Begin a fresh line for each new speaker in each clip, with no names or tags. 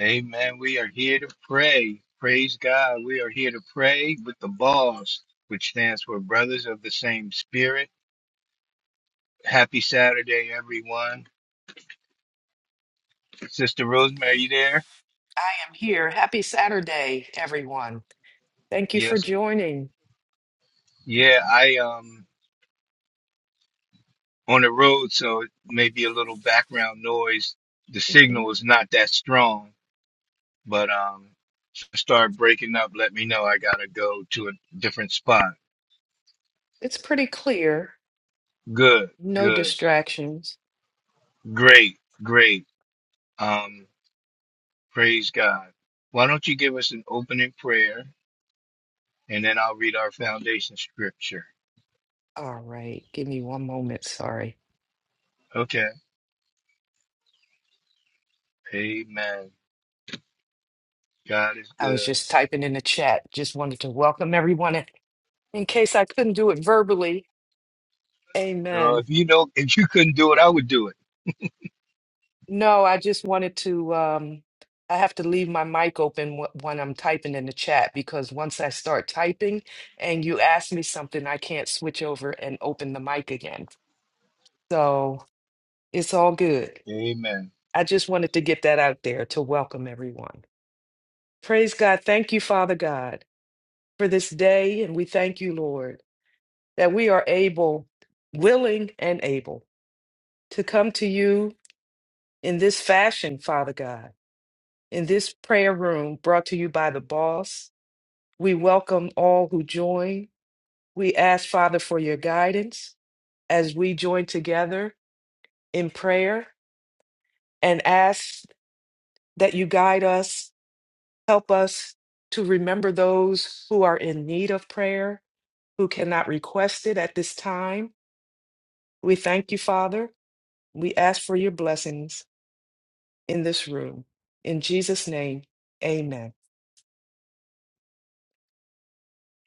Amen. We are here to pray. Praise God. We are here to pray with the BOSS, which stands for Brothers of the Same Spirit. Happy Saturday, everyone. Sister Rosemary, you there?
I am here. Happy Saturday, everyone. Thank you for
Yes.
joining.
Yeah, I um on the road, so it may be a little background noise. The
Mhm.
signal is not that strong, but um if I start breaking up, let me know. I gotta go to a different spot.
It's pretty clear.
Good,
No
good,
distractions.
great, great. Um Praise God. Why don't you give us an opening prayer and then I'll read our foundation scripture.
All right. Give me one moment. Sorry.
Okay. Amen. God is
I was
good.
just typing in the chat. Just wanted to welcome everyone in in case I couldn't do it verbally.
Oh,
Amen.
if you don't, if you couldn't do it, I would do it.
No, I just wanted to. Um, I have to leave my mic open wh- when I'm typing in the chat because once I start typing and you ask me something, I can't switch over and open the mic again. So. It's all good.
Amen.
I just wanted to get that out there to welcome everyone. Praise God. Thank you, Father God, for this day. And we thank you, Lord, that we are able, willing, and able to come to you in this fashion, Father God, in this prayer room brought to you by the boss. We welcome all who join. We ask, Father, for your guidance as we join together in prayer and ask that you guide us Help us to remember those who are in need of prayer, who cannot request it at this time. We thank you, Father. We ask for your blessings in this room. In Jesus' name, amen.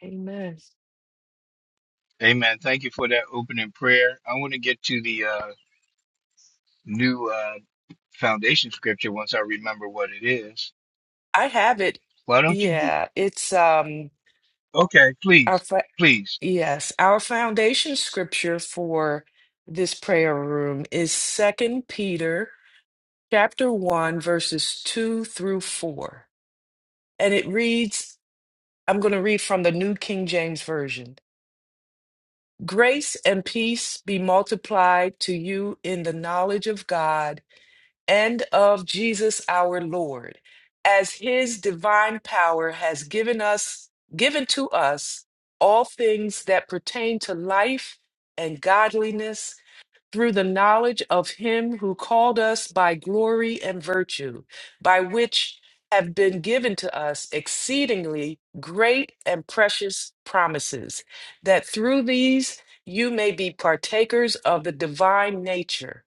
Amen.
Amen. Thank you for that opening prayer. I want to get to the uh, new uh, foundation scripture once I remember what it is.
I have it.
Why don't you?
Yeah, it's um
Okay,
our
please,
fa-
please.
yes, our foundation scripture for this prayer room is Second Peter chapter 1 verses 2 through 4. And it reads I'm going to read from the New King James Version. Grace and peace be multiplied to you in the knowledge of God and of Jesus our Lord, as his divine power has given us given to us all things that pertain to life and godliness through the knowledge of him who called us by glory and virtue, by which have been given to us exceedingly great and precious promises, that through these you may be partakers of the divine nature,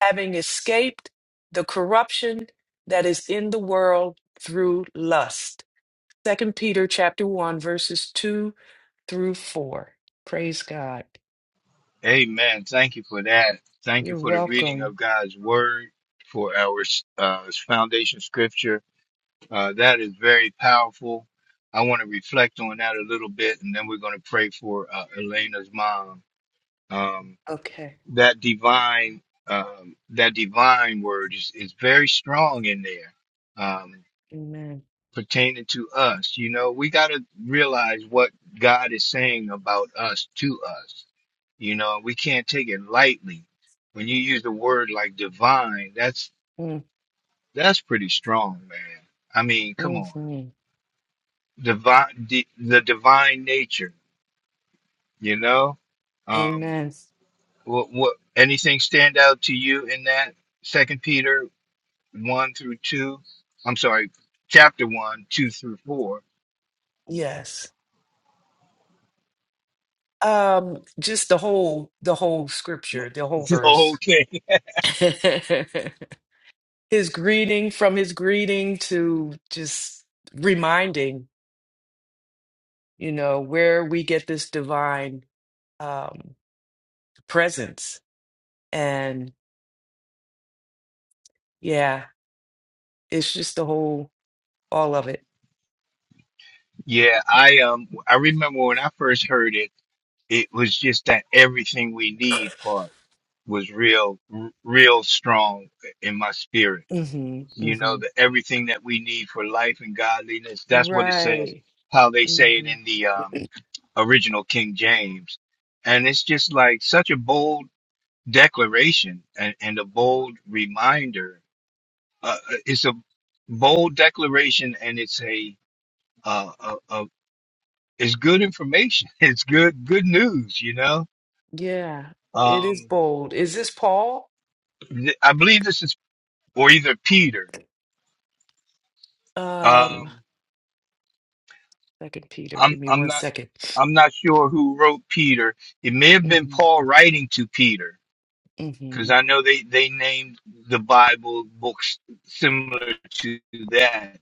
having escaped the corruption that is in the world through lust. Second Peter chapter 1 verses 2 through 4. Praise God.
Amen. Thank you for that. Thank you
You're
for the reading
welcome.
of God's word for our uh, foundation scripture Uh, that is very powerful. I want to reflect on that a little bit, and then we're going to pray for uh, Elena's mom. Um,
Okay.
that divine, um, that divine word is, is very strong in there, um,
Amen.
pertaining to us. You know, we got to realize what God is saying about us to us. You know, we can't take it lightly. When you use the word like divine, that's
Mm,
that's pretty strong, man. I mean, come
mm,
on.
mm.
divine the, the divine nature you know um
Amen.
what what anything stand out to you in that second peter 1 through 2 i'm sorry chapter 1 2 through 4
Yes. Um, just the whole the whole scripture, the whole
It's The whole
verse.
thing.
His greeting from his greeting to just reminding, you know, where we get this divine um presence. And yeah, it's just the whole all of it.
yeah i um i remember when i first heard it it was just that everything we need part was real r- real strong in my spirit
hmm
you know,
hmm
the everything that we need for life and godliness. That's what it says,
Right.
how they say it
hmm
in the um, original King James. And it's just like such a bold declaration and, and a bold reminder. Uh, uh, it's a bold declaration and it's a, uh, a, a it's good information. It's good, good news, you know?
Yeah, it is
Um,
bold. Is this Paul?
th- I believe this is, or either Peter.
Um
Um,
Second Peter. Give
I'm
me
I'm
one
not
second.
I'm not sure who wrote Peter. It may have been
Mm-hmm,
Paul writing to Peter because
mm-hmm.
I know they they named the Bible books similar to that.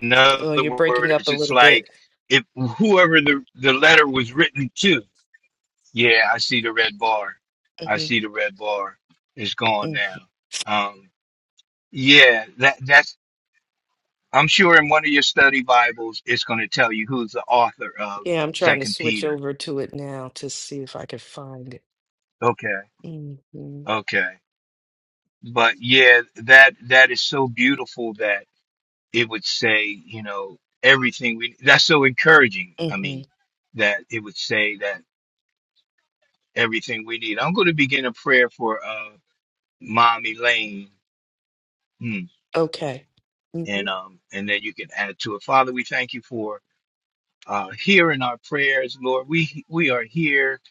In
Oh,
other
you're breaking up
words,
a
it's
little bit.
like if whoever the the letter was written to. Yeah, I see the red bar. I
hmm
see the red bar. It's gone
mm
now. Um, yeah, that that's. I'm sure in one of your study Bibles, it's going to tell you who's the author of
Yeah, I'm trying to
Second
switch
Peter.
over to it now to see if I can find it.
Okay.
Mm-hmm,
Okay. But yeah, that that is so beautiful that it would say, you know, everything we that's so encouraging. I
mm-hmm.
mean, that it would say that everything we need. I'm going to begin a prayer for uh Mom Elaine. Hmm.
Okay. Mm-hmm.
And um and then you can add to it. Father, we thank you for uh hearing our prayers, Lord. We we are here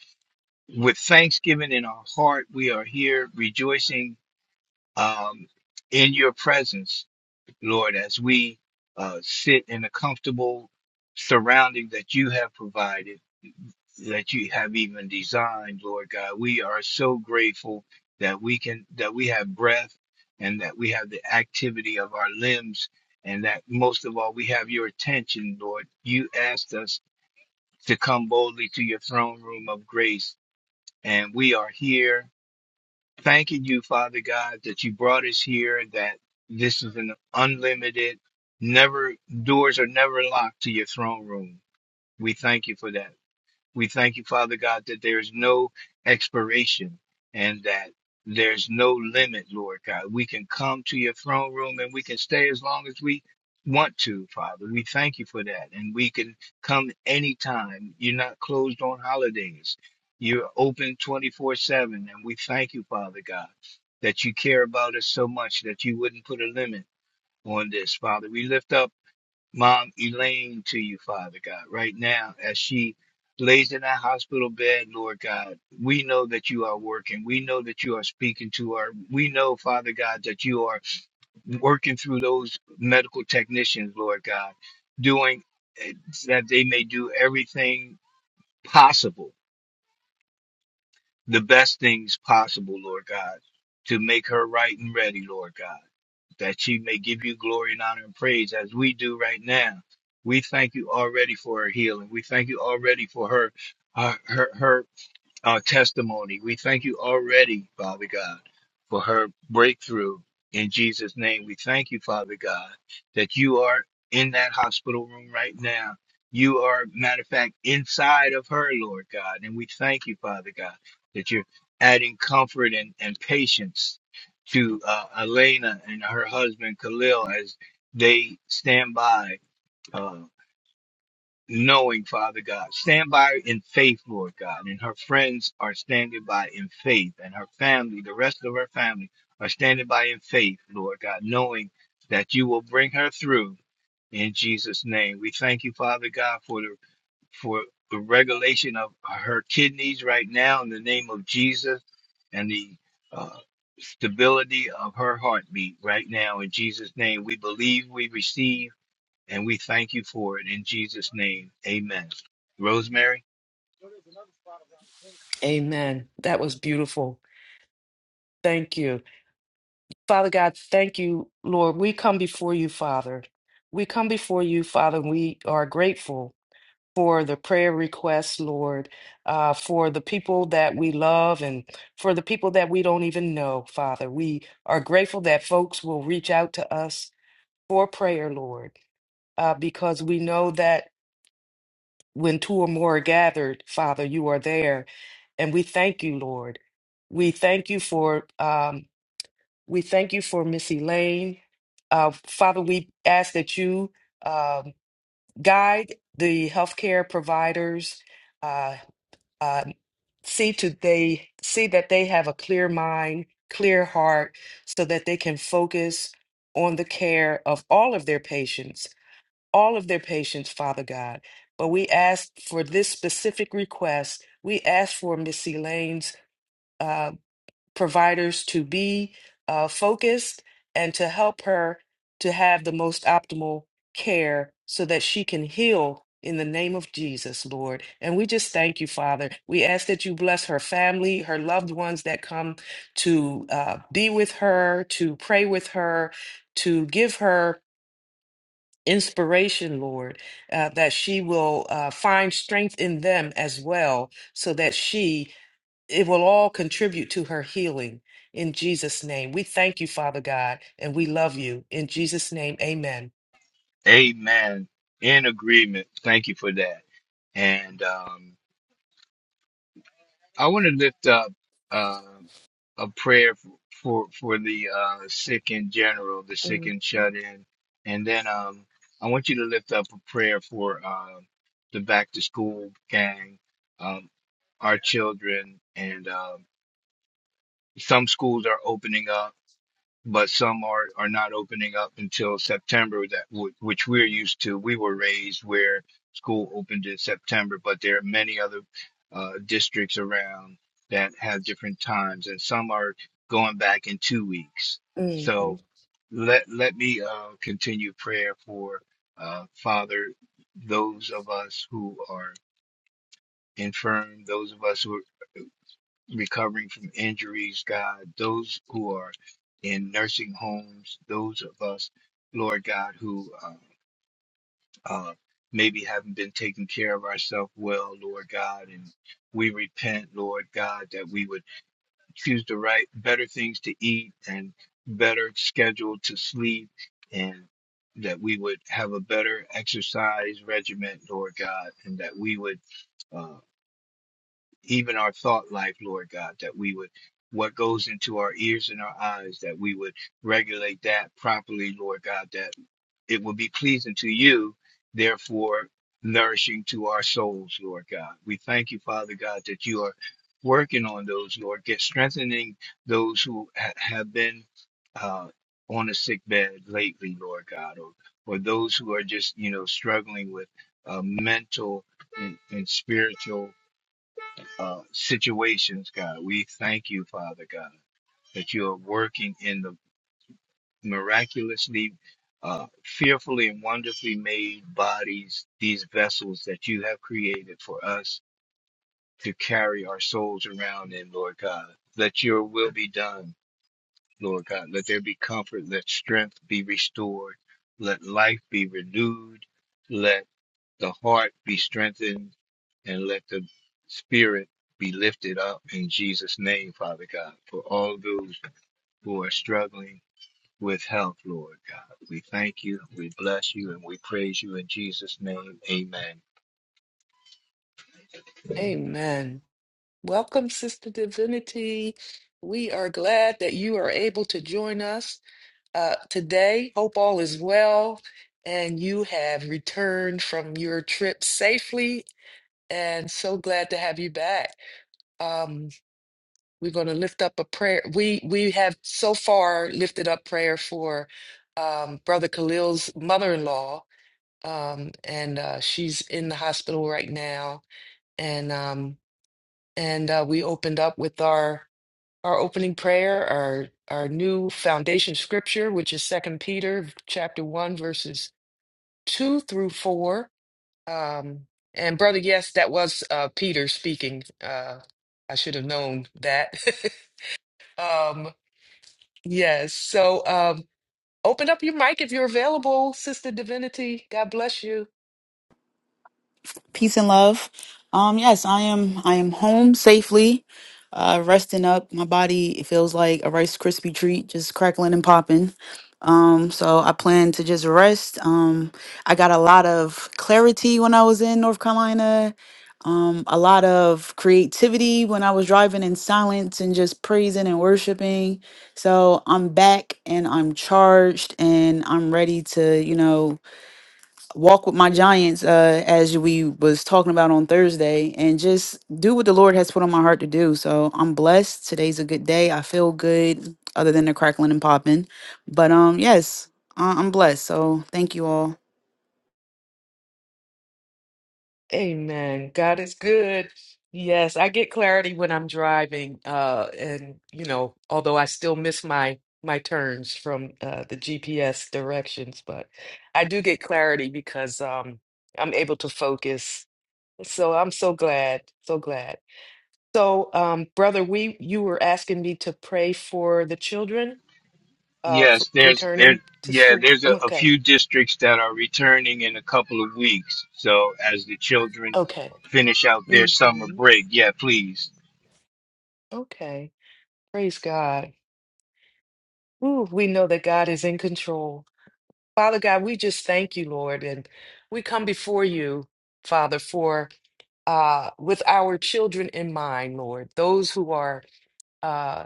with thanksgiving in our heart. We are here rejoicing um in your presence Lord, as we uh, sit in a comfortable surrounding that you have provided, that you have even designed, Lord God, we are so grateful that we can that we have breath and that we have the activity of our limbs and that most of all we have your attention, Lord. You asked us to come boldly to your throne room of grace, and we are here thanking you, Father God, that you brought us here, that this is an unlimited, never doors are never locked to your throne room. We thank you for that. We thank you, Father God, that there's no expiration and that there's no limit, Lord God. We can come to your throne room and we can stay as long as we want to, Father. We thank you for that. And we can come anytime. You're not closed on holidays. You're open 24 7. And we thank you, Father God, that you care about us so much that you wouldn't put a limit on this, Father. We lift up. Mom Elaine to you, Father God, right now as she lays in that hospital bed, Lord God. We know that you are working. We know that you are speaking to her. We know, Father God, that you are working through those medical technicians, Lord God, doing eh, that they may do everything possible, the best things possible, Lord God, to make her right and ready, Lord God that you may give you glory and honor and praise as we do right now. We thank you already for her healing. We thank you already for her, her, her, her our testimony. We thank you already, Father God, for her breakthrough. In Jesus' name, we thank you, Father God, that you are in that hospital room right now. You are, matter of fact, inside of her, Lord God. And we thank you, Father God, that you're adding comfort and, and patience to uh, Elena and her husband, Khalil, as they stand by. uh, knowing, Father God. Stand by in faith, Lord God. And her friends are standing by in faith, and her family, the rest of her family, are standing by in faith, Lord God, knowing that you will bring her through in Jesus' name. We thank you, Father God, for the for the regulation of her kidneys right now in the name of Jesus and the uh, stability of her heartbeat right now in Jesus' name. We believe we receive. And we thank you for it in Jesus' name. Amen. Rosemary,
Amen. That was beautiful. Thank you. Father God, thank you, Lord. We come before you, Father. We come before you, Father, and we are grateful. for the prayer requests, Lord, uh, for the people that we love and for the people that we don't even know, Father. We are grateful that folks will reach out to us for prayer, Lord, uh, because we know that when two or more are gathered, Father, you are there. And we thank you, Lord. We thank you for um, we thank you for Miss Elaine. Uh, Father, we ask that you um, guide the healthcare providers uh, uh, see to they see that they have a clear mind, clear heart, so that they can focus on the care of all of their patients, all of their patients, Father God. But we ask for this specific request. We ask for Miss Elaine's. uh, providers to be uh, focused and to help her to have the most optimal care so that she can heal in the name of Jesus, Lord. And we just thank you, Father. We ask that you bless her family, her loved ones that come to uh, be with her, to pray with her, to give her. Inspiration, Lord, uh, that she will uh, find strength in them as well, so that she it will all contribute to her healing in Jesus' name. We thank you, Father God, and we love you. In Jesus' name, amen.
amen. In agreement. Thank you for that. And um, I want to lift up uh, a prayer for, for, for the uh, sick in general, the sick
Mm,
and shut in. And then um, I want you to lift up a prayer for uh, the back to school gang, um, our children. And um, some schools are opening up but some are are not opening up until September that w- which we're used to. We were raised where school opened in September, but there are many other uh, districts around that have different times, and some are going back in two weeks.
mm, mm.
So let let me uh, continue prayer for uh, Father, those of us who are infirm, those of us who recovering from injuries, God, those who are in nursing homes, those of us, Lord God, who uh, uh, maybe haven't been taking care of ourselves well, Lord God, and we repent, Lord God, that we would choose the right, better things to eat and better schedule to sleep, and that we would have a better exercise regimen, Lord God, and that we would. uh, even our thought life, Lord God, that we would what goes into our ears and our eyes, that we would regulate that properly, Lord God, that it will be pleasing to you, therefore nourishing to our souls, Lord God. We thank you, Father God, that you are working on those, Lord, get strengthening those who ha- have been uh, on a sick bed lately, Lord God, or or those who are just you know struggling with uh, mental and, and spiritual uh, situations, God. We thank you, Father God, that you are working in the miraculously, uh, fearfully and wonderfully made bodies, these vessels that you have created for us to carry our souls around in, Lord God. Let your will be done, Lord God. Let there be comfort. Let strength be restored. Let life be renewed. Let the heart be strengthened and let the spirit be lifted up in Jesus' name, Father God, for all those who are struggling with health, Lord God. We thank you, we bless you, and we praise you in Jesus' name. Amen.
Amen. Welcome, Sister Divinity. We are glad that you are able to join us uh, today. Hope all is well and you have returned from your trip safely. And so glad to have you back. Um, We're going to lift up a prayer. We we have so far lifted up prayer for um, Brother Khalil's mother-in-law, um, and uh, she's in the hospital right now. And um, and uh, we opened up with our our opening prayer, our our new foundation scripture, which is Second Peter chapter one, verses two through four. Um, and brother, yes, that was uh, Peter speaking. Uh, I should have known that. um, Yes. So um open up your mic if you're available, Sister Divinity. God bless you.
peace and love. Um, yes, I am. I am home safely, uh, resting up. My body it feels like a Rice Krispie treat, just crackling and popping. Um, so I plan to just rest. Um, I got a lot of clarity when I was in North Carolina. Um, a lot of creativity when I was driving in silence and just praising and worshiping. So I'm back and I'm charged and I'm ready to, you know, walk with my giants uh as we was talking about on Thursday and just do what the Lord has put on my heart to do. So I'm blessed. Today's a good day. I feel good other than the crackling and popping. But um yes, I- I'm blessed. So thank you all.
Amen. God is good. Yes, I get clarity when I'm driving. Uh and you know, although I still miss my my turns from uh the GPS directions, but I do get clarity because um I'm able to focus. So I'm so glad, so glad. So um brother, we you were asking me to pray for the children. uh f
Yes, there's there's
returning to
yeah,
school.
there's a,
Um,
a
Okay.
few districts that are returning in a couple of weeks. So as the children
Okay.
finish out their summer
hmm
break, yeah, please.
Okay. Praise God. Ooh, we know that God is in control. Father God, we just thank you, Lord, and we come before you, Father, for uh with our children in mind, Lord, those who are uh.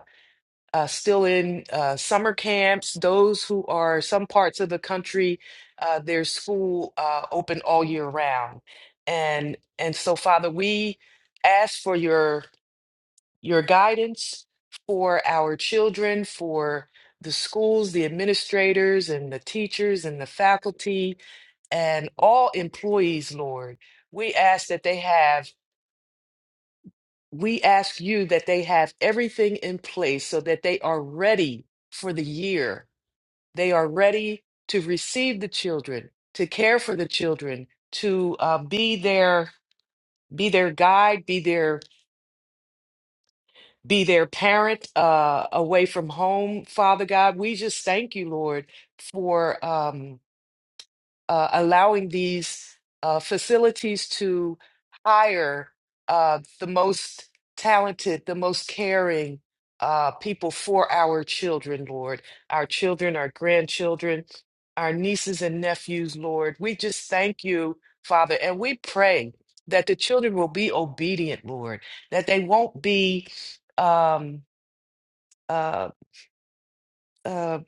uh, still in uh, summer camps, those who are some parts of the country, uh, their school uh, open all year round. And and so, Father, we ask for your your guidance for our children, for the schools, the administrators, and the teachers, and the faculty, and all employees, Lord. We ask that they have. We ask you that they have everything in place so that they are ready for the year they are ready to receive the children, to care for the children, to uh, be their be their guide, be their be their parent uh, away from home. Father God, we just thank you, Lord, for. Um, uh, allowing these uh, facilities to hire uh, the most talented, the most caring uh, people for our children, Lord, our children, our grandchildren, our nieces and nephews, Lord. We just thank you, Father, and we pray that the children will be obedient, Lord, that they won't be. Um, uh, uh,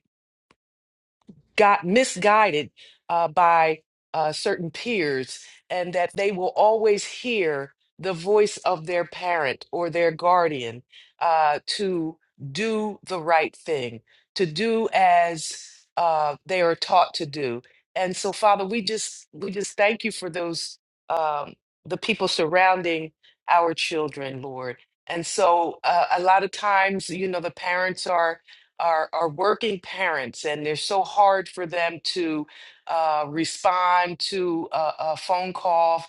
got misguided uh, by uh, certain peers, and that they will always hear the voice of their parent or their guardian uh, to do the right thing, to do as uh, they are taught to do. And so, Father, we just we just thank you for those um, the people surrounding our children, Lord. And so, uh, a lot of times, you know, the parents are are are working parents and they're so hard for them to uh, respond to a, a phone call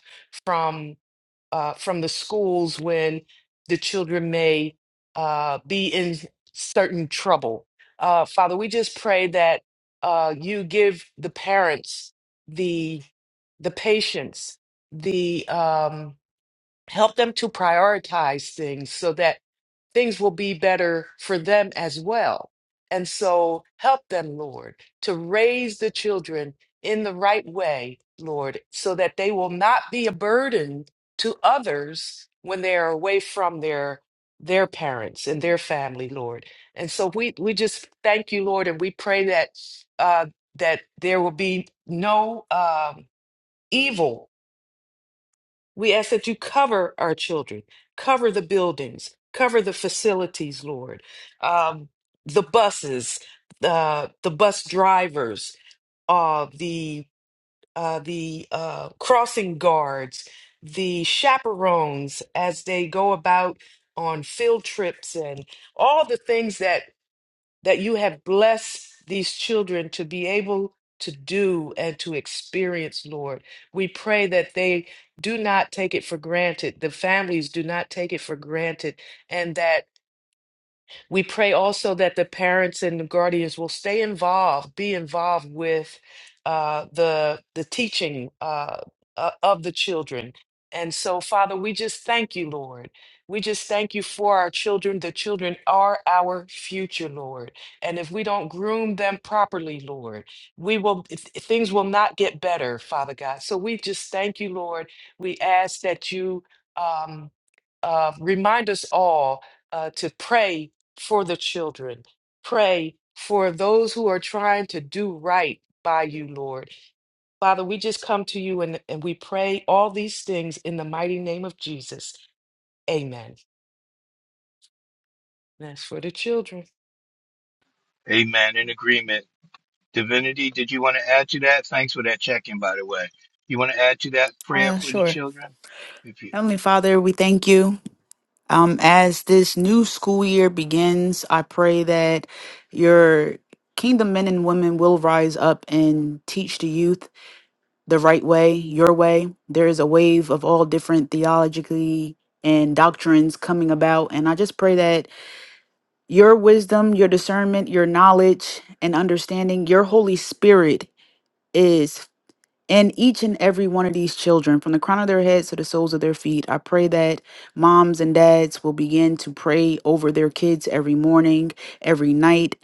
from uh, from the schools when the children may uh, be in certain trouble. Uh, Father, we just pray that uh, you give the parents the the patience, the um, help them to prioritize things so that things will be better for them as well. And so help them, Lord, to raise the children in the right way, Lord, so that they will not be a burden to others when they are away from their their parents and their family, Lord. And so we we just thank you, Lord, and we pray that uh that there will be no um evil we ask that you cover our children, cover the buildings, cover the facilities, Lord, um, the buses, uh, the bus drivers, uh, the uh, the uh, crossing guards, the chaperones as they go about on field trips and all the things that that you have blessed these children to be able to do and to experience, Lord. We pray that they do not take it for granted, the families do not take it for granted, and that. We pray also that the parents and the guardians will stay involved, be involved with uh, the the teaching uh, uh, of the children. And so, Father, we just thank you, Lord. We just thank you for our children. The children are our future, Lord. And if we don't groom them properly, Lord, we will th- things will not get better, Father God. So we just thank you, Lord. We ask that you um, uh, remind us all uh, to pray for the children. Pray for those who are trying to do right by you, Lord. Father, we just come to you and, and we pray all these things in the mighty name of Jesus. Amen. That's for the children.
Amen. In agreement. Divinity, did you want to add to that? Thanks for that check-in, by the way. You want to add to that prayer
Uh
for the
sure.
children? If you,
Heavenly Father, we thank you. Um as this new school year begins, I pray that your kingdom men and women will rise up and teach the youth the right way, your way. There is a wave of all different theologically and doctrines coming about. And I just pray that your wisdom, your discernment, your knowledge and understanding, your Holy Spirit is in each and every one of these children, from the crown of their heads to the soles of their feet. I pray that Moms and dads will begin to pray over their kids every morning, every night.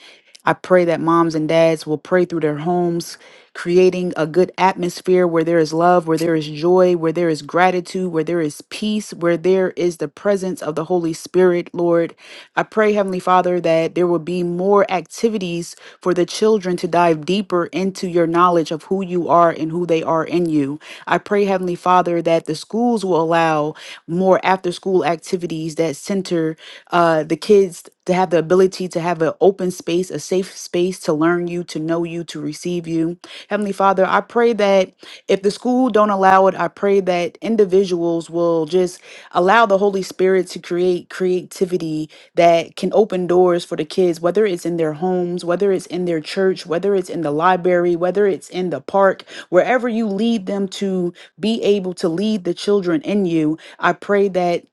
I pray that moms and dads will pray through their homes, creating a good atmosphere where there is love, where there is joy, where there is gratitude, where there is peace, where there is the presence of the Holy Spirit, Lord. I pray, Heavenly Father, that there will be more activities for the children to dive deeper into your knowledge of who you are and who they are in you. I pray, Heavenly Father, that the schools schools will allow more after school activities that center uh, the kids to have the ability to have an open space, a safe space to learn you, to know you, to receive you. Heavenly Father, I pray that if the school don't allow it, I pray that individuals will just allow the Holy Spirit to create creativity that can open doors for the kids, whether it's in their homes, whether it's in their church, whether it's in the library, whether it's in the park, wherever you lead them to be able to lead the children in you. I pray that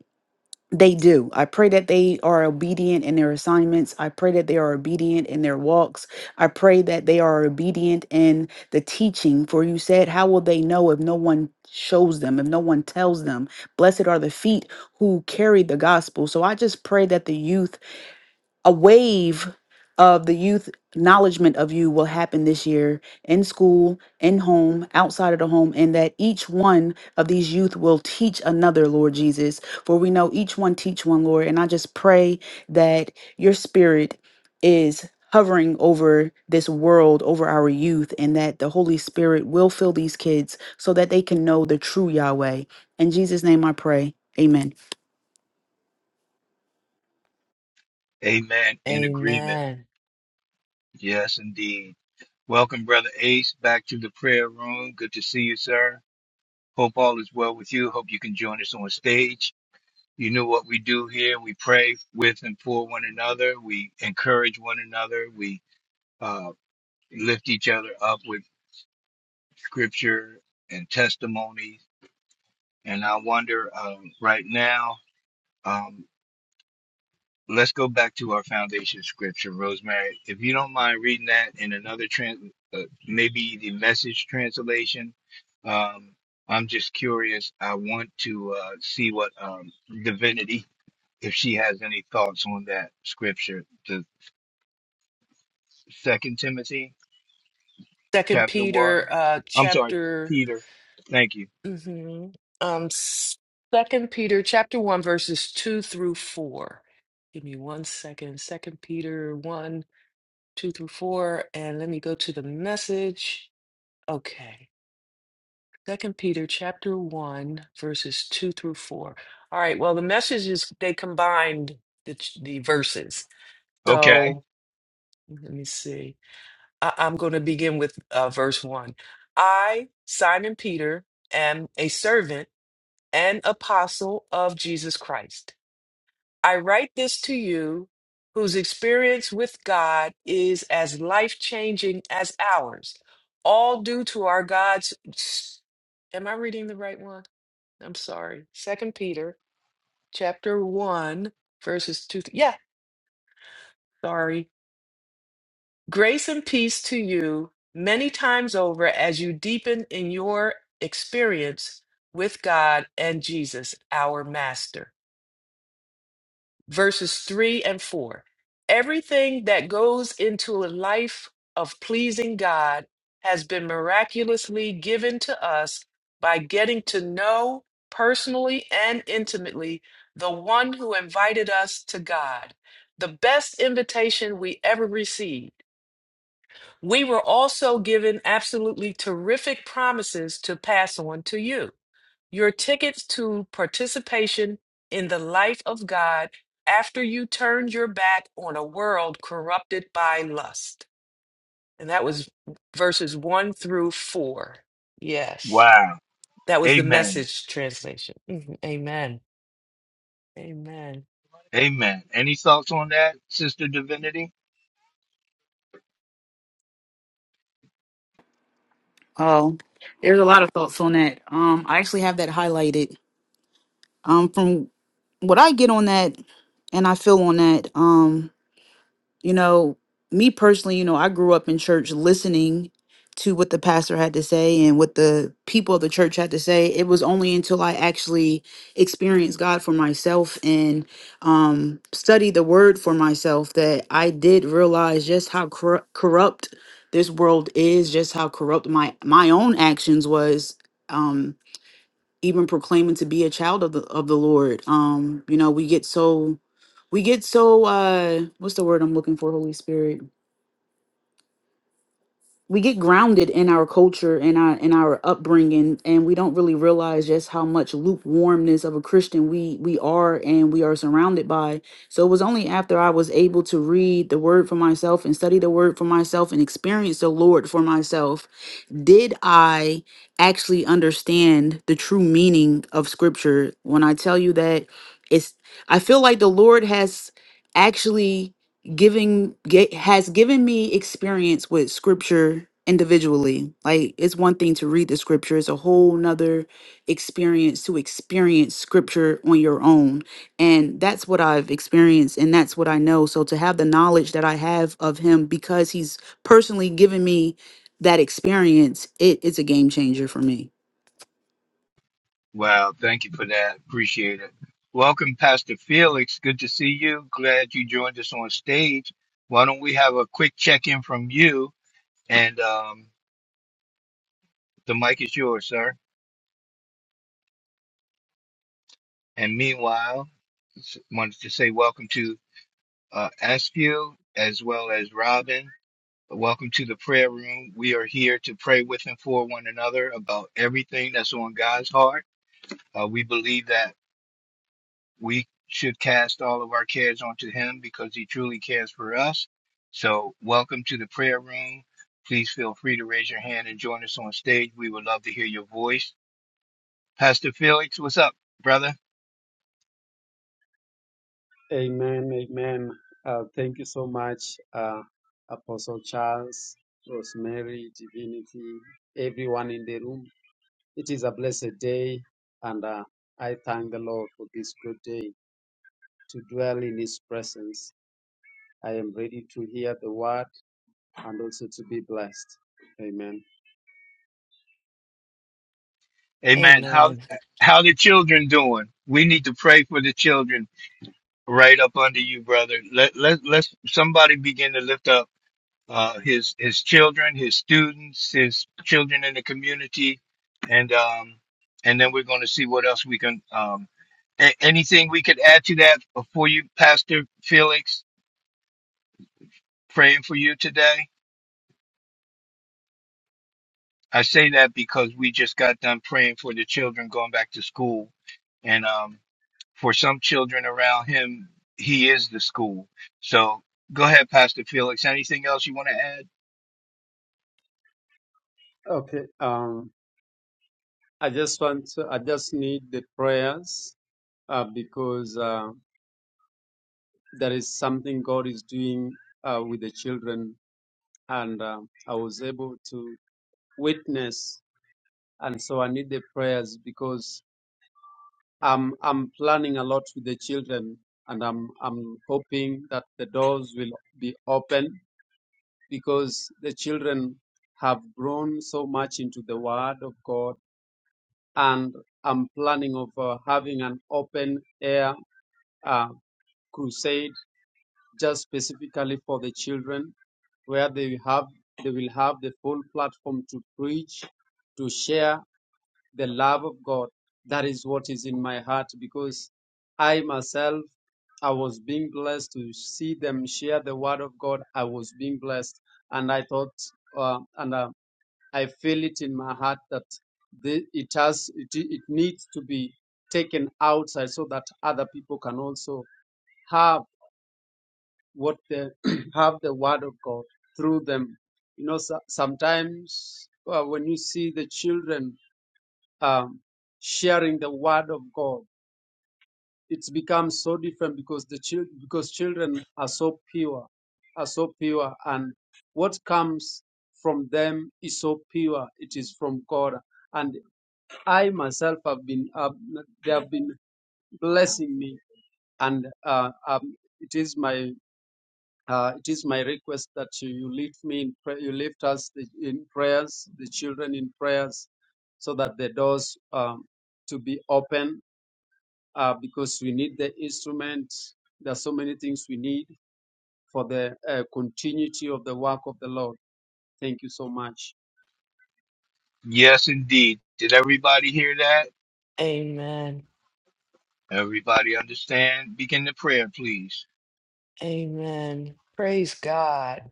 they do. I pray that they are obedient in their assignments. I pray that they are obedient in their walks. I pray that they are obedient in the teaching. For you said, How will they know if no one shows them, if no one tells them? Blessed are the feet who carry the gospel. So I just pray that the youth a wave of the youth acknowledgement of you will happen this year in school, in home, outside of the home, and that each one of these youth will teach another, Lord Jesus. For we know each one teach one, Lord. And I just pray that your spirit is hovering over this world, over our youth, and that the Holy Spirit will fill these kids so that they can know the true Yahweh. In Jesus' name I pray. Amen.
amen, in agreement.
Amen.
Yes, indeed. Welcome, Brother Ace, back to the prayer room. Good to see you, sir. Hope all is well with you. Hope you can join us on stage. You know what we do here. We pray with and for one another. We encourage one another. We uh, lift each other up with scripture and testimonies. And I wonder um, right now. um, Let's go back to our foundation scripture, Rosemary. If you don't mind reading that in another trans, uh, maybe the message translation. Um, I'm just curious. I want to uh, see what um, divinity, if she has any thoughts on that scripture, the Second Timothy
Second
chapter
Peter
one.
uh
I'm sorry,
chapter
Peter. Thank you.
mhm, um Second Peter chapter one verses two through four. Give me one second. Second Peter one, two through four, and let me go to the message. Okay. Second Peter chapter one, verses two through four. All right, well, the message is they combined the ch- the verses.
Okay.
So let me see. I, I'm going to begin with uh, verse one. I, Simon Peter, am a servant and apostle of Jesus Christ. I write this to you, whose experience with God is as life changing as ours, all due to our God's. Am I reading the right one? I'm sorry. Second Peter chapter 1 verses 2 th- yeah, sorry. Grace and peace to you many times over as you deepen in your experience with God and Jesus, our master. verses 3 and 4. Everything that goes into a life of pleasing God has been miraculously given to us by getting to know personally and intimately the one who invited us to God, the best invitation we ever received. We were also given absolutely terrific promises to pass on to you. Your tickets to participation in the life of God after you turned your back on a world corrupted by lust. And that was verses one through four. Yes.
Wow.
That was the
Amen.
message translation. Mhm. Amen. Amen.
Amen. Any thoughts on that, Sister Divinity?
Oh, there's a lot of thoughts on that. Um, I actually have that highlighted. Um, from what I get on that, and I feel on that. um. You know, me personally, you know, I grew up in church listening to what the pastor had to say and what the people of the church had to say. It was only until I actually experienced God for myself and um, studied the word for myself that I did realize just how corru- corrupt this world is, just how corrupt my my own actions was. um, even proclaiming to be a child of the of the Lord. Um, you know, we get so we get so uh what's the word I'm looking for, Holy Spirit? we get grounded in our culture and our in our upbringing and we don't really realize just how much lukewarmness of a christian we we are and we are surrounded by so it was only after i was able to read the word for myself and study the word for myself and experience the lord for myself did i actually understand the true meaning of scripture when i tell you that it's i feel like the lord has actually giving ge- has given me experience with scripture individually like it's one thing to read the scripture it's a whole nother experience to experience scripture on your own and that's what i've experienced and that's what i know so to have the knowledge that i have of him because he's personally given me that experience it is a game changer for me
Wow, thank you for that. Appreciate it. Welcome, Pastor Felix. Good to see you. Glad you joined us on stage. Why don't we have a quick check in from you? And um, the mic is yours, sir. And meanwhile, s- wanted to say welcome to uh, Askew as well as Robin. Welcome to the prayer room. We are here to pray with and for one another about everything that's on God's heart. Uh, we believe that. we should cast all of our cares onto him because he truly cares for us. So, welcome to the prayer room. Please feel free to raise your hand and join us on stage. We would love to hear your voice. Pastor Felix, what's up, brother?
Amen. Amen. Uh, thank you so much, uh, Apostle Charles, Rosemary, Divinity, everyone in the room. It is a blessed day, and uh, I thank the Lord for this good day to dwell in His presence. I am ready to hear the word and also to be blessed. Amen.
Amen. How
Amen.
how the children doing? We need to pray for the children right up under you, brother. Let let let's somebody begin to lift up uh, his his children, his students, his children in the community, and um, and then we're going to see what else we can. Um, a- anything we could add to that before you, Pastor Felix, praying for you today. I say that because we just got done praying for the children going back to school, and um, for some children around him, he is the school. So go ahead, Pastor Felix. Anything else you want to add?
Okay. Um, I just want to, I just need the prayers uh, because uh, there is something God is doing uh, with the children and um, I was able to witness. And so I need the prayers because I'm I'm planning a lot with the children, and I'm I'm hoping that the doors will be open because the children have grown so much into the Word of God, and I'm planning of uh, having an open air uh, crusade just specifically for the children, where they have they will have the full platform to preach, to share the love of God. That is what is in my heart because I myself I was being blessed to see them share the word of God. I was being blessed, and I thought, uh, and uh, I feel it in my heart that the, it has, it, it needs to be taken outside so that other people can also have what they have the word of God through them. You know, so, sometimes uh, when you see the children um, sharing the word of God, it's become so different because the chil- because children are so pure, are so pure, and what comes from them is so pure. It is from God, and I myself have been uh, they have been blessing me, and uh, um, it is my Uh, it is my request that you lift me in prayer, you lift us in prayers, the children in prayers, so that the doors um, to be open, uh, because we need the instruments. There are so many things we need for the uh, continuity of the work of the Lord. Thank you so much.
Yes, indeed. Did everybody hear that?
Amen.
Everybody understand? Begin the prayer, please.
Amen. Praise God.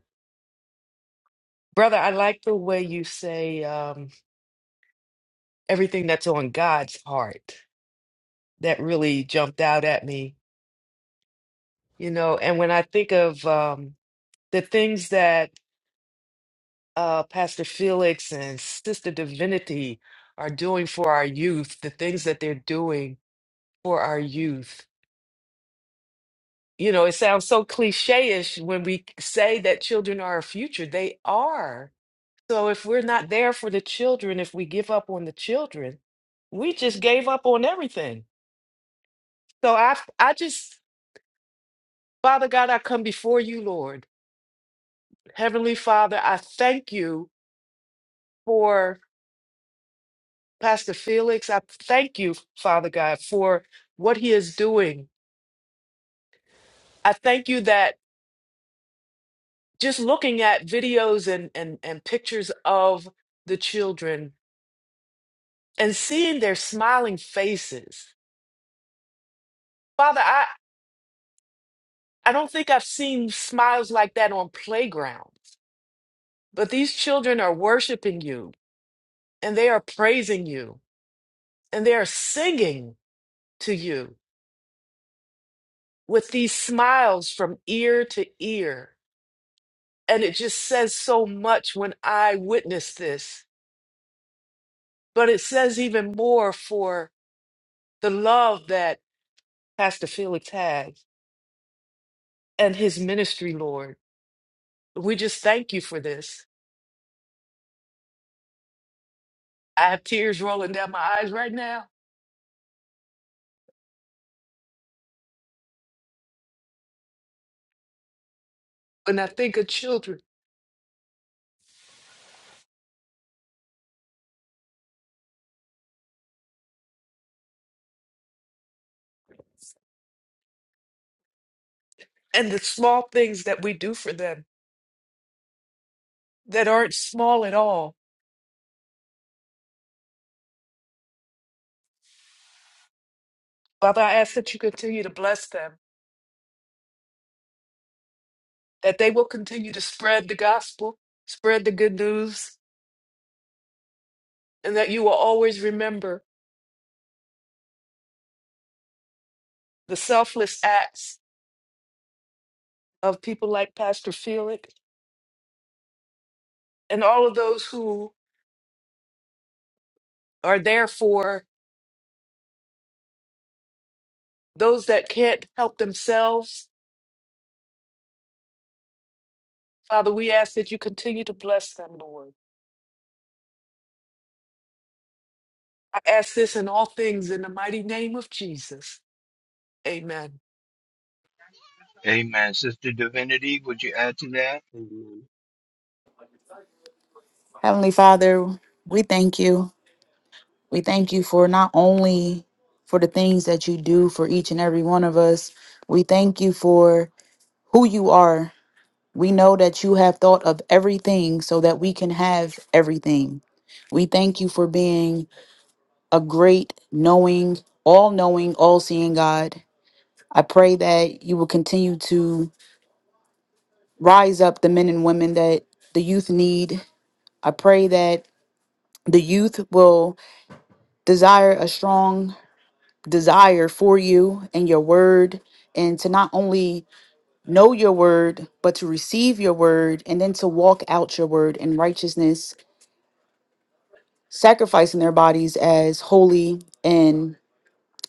Brother, I like the way you say um, everything that's on God's heart. That really jumped out at me You know, and when I think of um, the things that uh, Pastor Felix and Sister Divinity are doing for our youth, the things that they're doing for our youth, you know, it sounds so cliche-ish when we say that children are our future. They are. So if we're not there for the children, if we give up on the children, we just gave up on everything. So I, I just, Father God, I come before you, Lord. Heavenly Father, I thank you for. Pastor Felix, I thank you, Father God, for what he is doing. I thank you that just looking at videos and, and, and pictures of the children and seeing their smiling faces. Father, I, I don't think I've seen smiles like that on playgrounds, but these children are worshiping you and they are praising you and they are singing to you with these smiles from ear to ear. And it just says so much when I witness this, but it says even more for the love that Pastor Felix has and his ministry, Lord. We just thank you for this. I have tears rolling down my eyes right now when I think of children and the small things that we do for them that aren't small at all. Father, I ask that you continue to bless them, that they will continue to spread the gospel, spread the good news, and that you will always remember the selfless acts of people like Pastor Felix and all of those who are there for those that can't help themselves. Father, we ask that you continue to bless them, Lord. I ask this in all things in the mighty name of Jesus. Amen.
Amen. Sister Divinity, would you add to that?
Amen.
heavenly father we thank you We thank you for not only for the things that you do for each and every one of us. We thank you for who you are. We know that you have thought of everything so that we can have everything. We thank you for being a great, knowing, all knowing, all seeing God. I pray that you will continue to rise up the men and women that the youth need. I pray that the youth will desire a strong desire for you and your word and to not only know your word but to receive your word and then to walk out your word in righteousness sacrificing their bodies as holy and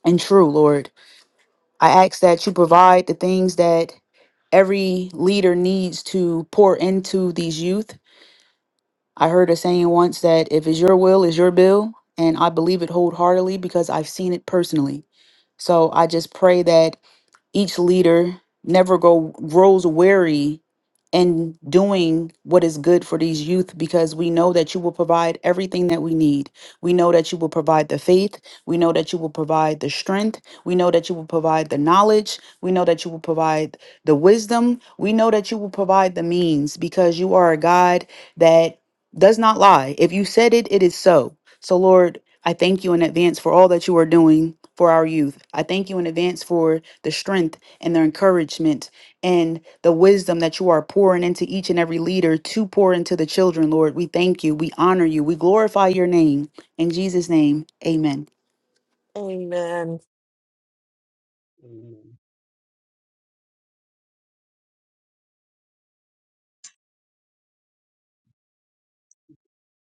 and true lord i ask that you provide the things that every leader needs to pour into these youth i heard a saying once that if it's your will is your bill and i believe it wholeheartedly because i've seen it personally so I just pray that Each leader never go grows weary in doing what is good for these youth because we know that you will provide everything that we need. We know that you will provide the faith. We know that you will provide the strength. We know that you will provide the knowledge. We know that you will provide the wisdom. We know that you will provide the means because you are a God that does not lie. If you said it, it is so. So, Lord, I thank you in advance for all that you are doing for our youth. I thank you in advance for the strength and the encouragement and the wisdom that you are pouring into each and every leader to pour into the children, Lord. We thank you. We honor you. We glorify your name. In Jesus' name, amen.
Amen.
Amen.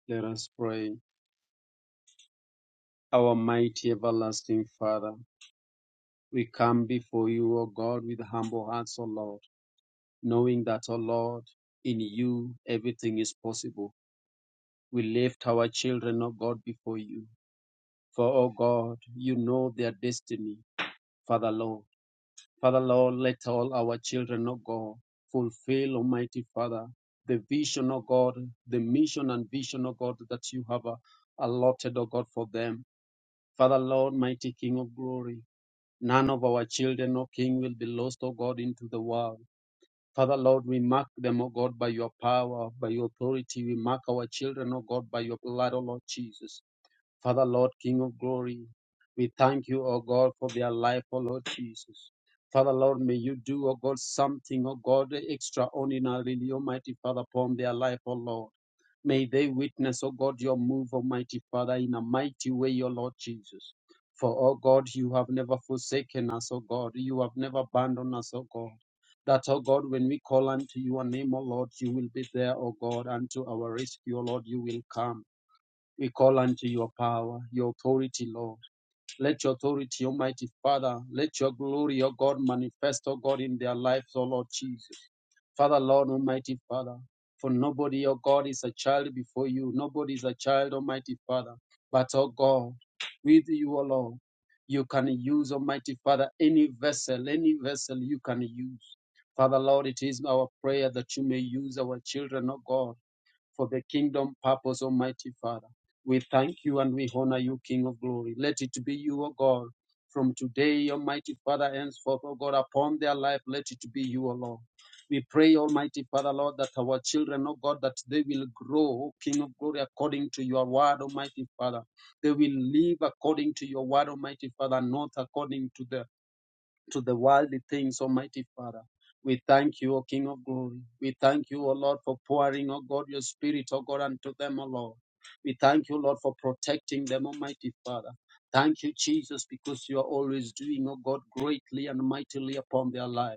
Let us pray. Our mighty everlasting Father, we come before you, O God, with humble hearts, O Lord. knowing that, O Lord, in you everything is possible. We lift our children, O God, before you. For, O God, you know their destiny, Father Lord. Father Lord, let all our children, O God, fulfill, Almighty Father, the vision, O God, the mission and vision, O God, that you have uh, allotted, O God, for them. Father Lord, mighty King of glory, none of our children, O King, will be lost, O God, into the world Father Lord, we mark them, O God, by your power, by your authority. We mark our children, O God, by your blood, O Lord Jesus. Father Lord, King of glory, we thank you, O God, for their life, O Lord Jesus. Father Lord, may you do, O God, something, O God, extraordinarily, Almighty Father, upon their life, O Lord. May they witness, O God, your move, Almighty Father, in a mighty way, your Lord Jesus. For, O God, you have never forsaken us, O God. You have never abandoned us, O God. That, O God, when we call unto your name, O Lord, you will be there, O God, unto our rescue, oh Lord, you will come. We call unto your power, your authority, Lord. Let your authority, Almighty Father, let your glory, O God, manifest, O God, in their lives, O Lord Jesus. Father, Lord, Almighty Father, for nobody, oh God, is a child before you. Nobody is a child, Almighty Father. But, oh God, with you, oh Lord, you can use, Almighty Father, any vessel, any vessel you can use. Father, Lord, it is our prayer that you may use our children, oh God for the kingdom purpose, Almighty Father. We thank you and we honor you, King of glory. Let it be you, O God, from today, Almighty Father, henceforth, O God, upon their life, let it be you, O Lord. We pray, Almighty Father, Lord, that our children, O God, that they will grow, O King of glory, according to your word, Almighty Father. They will live according to your word, Almighty Father, not according to the to the worldly things, Almighty Father. We thank you, O King of glory. We thank you, O Lord, for pouring, O God, your spirit, O God, unto them, O Lord. We thank you, Lord, for protecting them, Almighty Father. Thank you, Jesus, because you are always doing, O God, greatly and mightily upon their lives.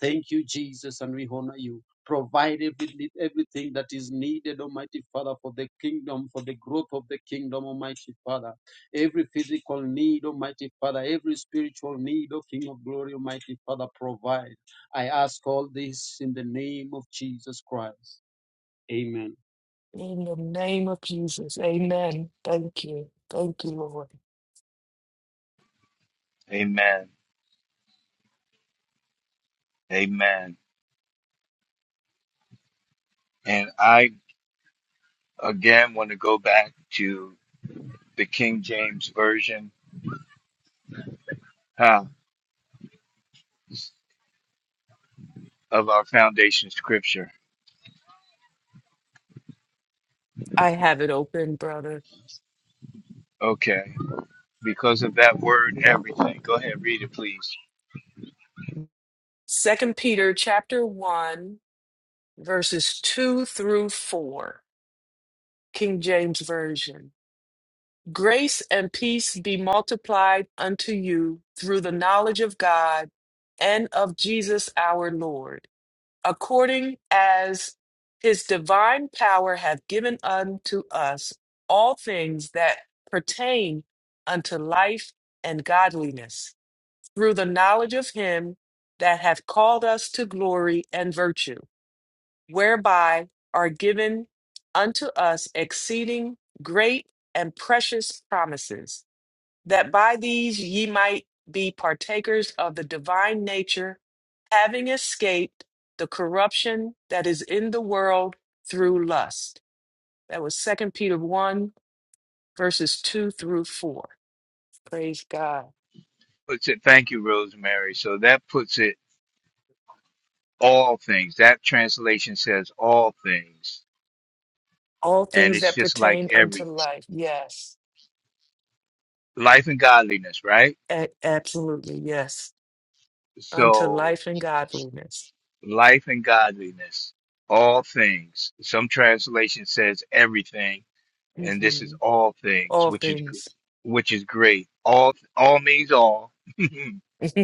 Thank you, Jesus, and we honor you. Provide every, everything that is needed, Almighty Father, for the kingdom, for the growth of the kingdom, Almighty Father. Every physical need, Almighty Father, every spiritual need, O King of Glory, Almighty Father, provide. I ask all this in the name of Jesus Christ. Amen.
In the name of Jesus. Amen. Thank you. Thank you, Lord.
Amen. Amen. And I again want to go back to the King James version huh, of our foundation scripture.
I have it open, brother.
Okay. Because of that word, everything. Go ahead, read it, please.
Second Peter chapter 1 verses 2 through 4. King James version. Grace and peace be multiplied unto you through the knowledge of God and of Jesus our Lord, according as his divine power hath given unto us all things that pertain unto life and godliness, through the knowledge of him that hath called us to glory and virtue, whereby are given unto us exceeding great and precious promises that by these ye might be partakers of the divine nature, having escaped the corruption that is in the world through lust. That was Second Peter 1, verses 2 through 4. Praise God.
Puts it. Thank you, Rosemary. So that puts it all things. That translation says all things,
All
and
things
it's
that
just like
pertain unto
everything,
life. Yes.
life and godliness, right?
A- absolutely. Yes. Unto
So
life and godliness.
life and godliness, all things. Some translation says everything, and this is
hmm
all things,
All
which is gr-
things.
which is great. All all means all.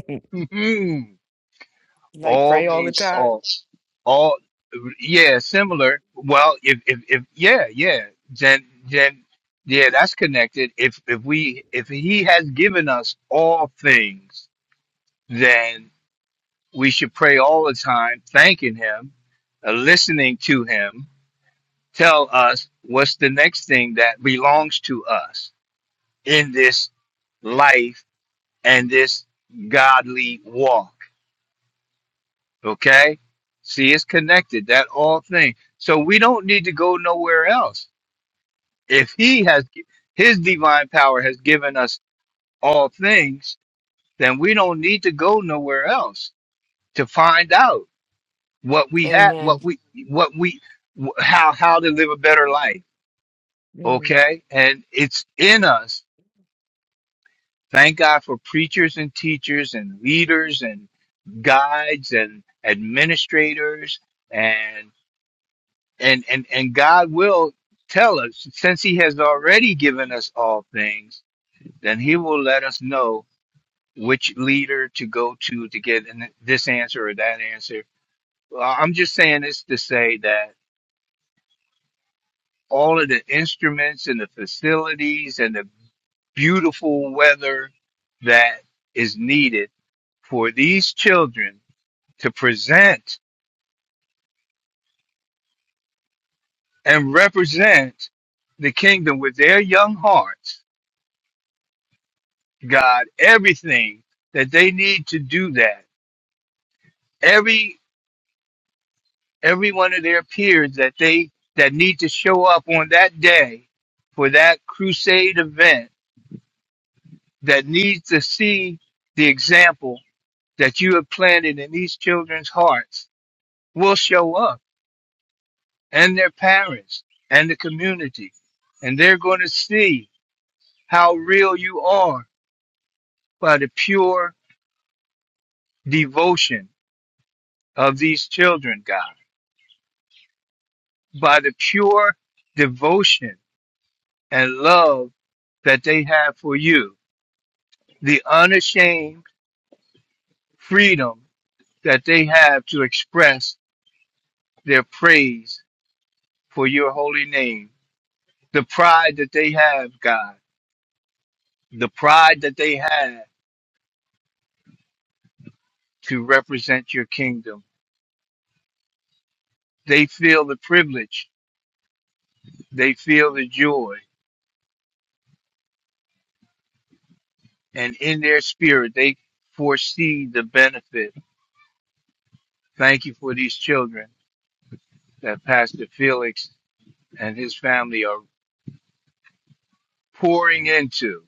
like
all
pray all the
means
time.
all. All yeah, similar. Well, if if if yeah, yeah, then then yeah, that's connected. If if we if he has given us all things, we should pray all the time, thanking Him, uh, listening to Him tell us what's the next thing that belongs to us in this life and this godly walk. Okay? See, it's connected, that all thing. So we don't need to go nowhere else. If He has, His divine power has given us all things, then we don't need to go nowhere else to find out. what we have,
Amen.
what we, what we, wh- how, how to live a better life.
Mm.
Okay. And it's in us. Thank God for preachers and teachers and leaders and guides and administrators and, and, and, and God will tell us since he has already given us all things, then he will let us know which leader to go to to get an- this answer or that answer. Well, I'm just saying this to say that all of the instruments and the facilities and the beautiful weather that is needed for these children to present and represent the kingdom with their young hearts god everything that they need to do that every every one of their peers that they that need to show up on that day for that crusade event that needs to see the example that you have planted in these children's hearts will show up and their parents and the community. And they're going to see how real you are by the pure devotion of these children, God, by the pure devotion and love that they have for you, the unashamed freedom that they have to express their praise for your holy name, the pride that they have, God the pride that they have to represent your kingdom. They feel the privilege, they feel the joy, and in their spirit, they foresee the benefit. Thank you for these children that Pastor Felix and his family are pouring into.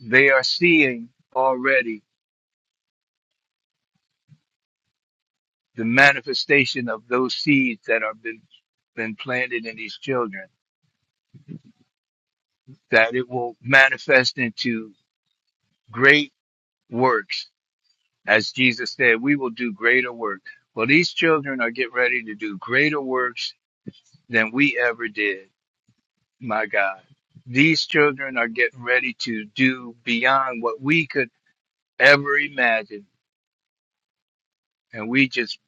They are seeing already the manifestation of those seeds that have been, been planted in these children, that it will manifest into great works As Jesus said, we will do greater work. Well, these children are getting ready to do greater works than we ever did, my God. These children are getting ready to do beyond what we could ever imagine. And we just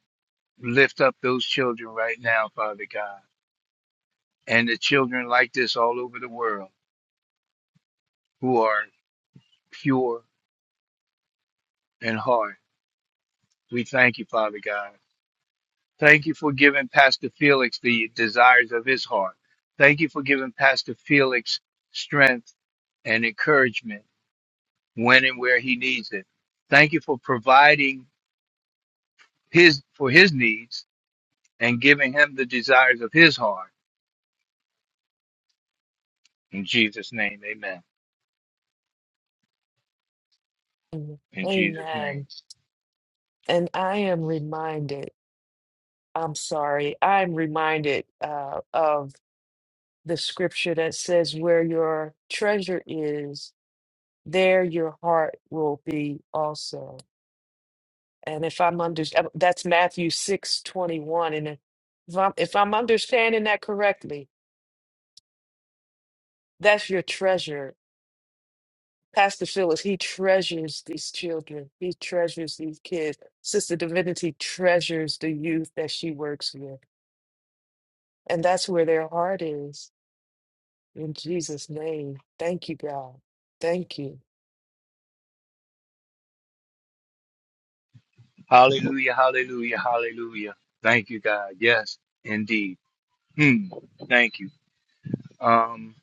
lift up those children right now, Father God, and the children like this all over the world who are pure in heart. We thank you, Father God. Thank you for giving Pastor Felix the desires of his heart. Thank you for giving Pastor Felix strength and encouragement when and where he needs it. Thank you for providing his for his needs and giving him the desires of his heart. In Jesus' name, amen.
mm.
In Jesus'
Amen.
name.
And I am reminded, I'm sorry, I'm reminded uh, of the scripture that says, Where your treasure is, there your heart will be also. And if I'm under, uh, that's Matthew six twenty one. 21. And if if I'm, if I'm understanding that correctly, that's your treasure. Pastor Phyllis, he treasures these children. He treasures these kids. Sister Divinity treasures the youth that she works with. And that's where their heart is In Jesus' name, thank you, God. Thank you.
Hallelujah, hallelujah, hallelujah. Thank you, God. Yes, indeed. Hmm. Thank you. Um.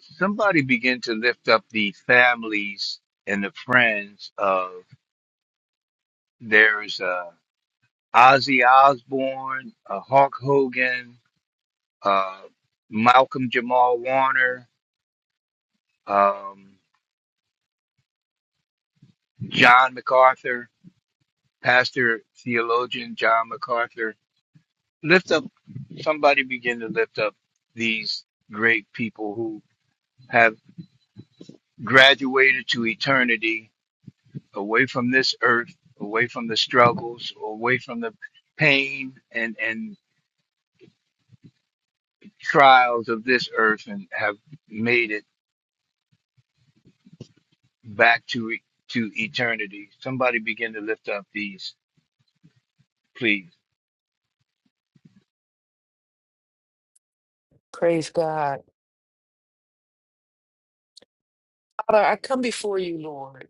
somebody begin to lift up the families and the friends of there's uh Ozzy Osbourne, uh, Hulk Hogan, uh, Malcolm Jamal Warner, um, John MacArthur, pastor theologian John MacArthur. Lift up somebody begin to lift up these great people who have graduated to eternity away from this earth, away from the struggles, away from the pain and, and trials of this earth and have made it back to, e- to eternity. Somebody begin to lift up these, please,
Praise God. Father, I come before you, Lord,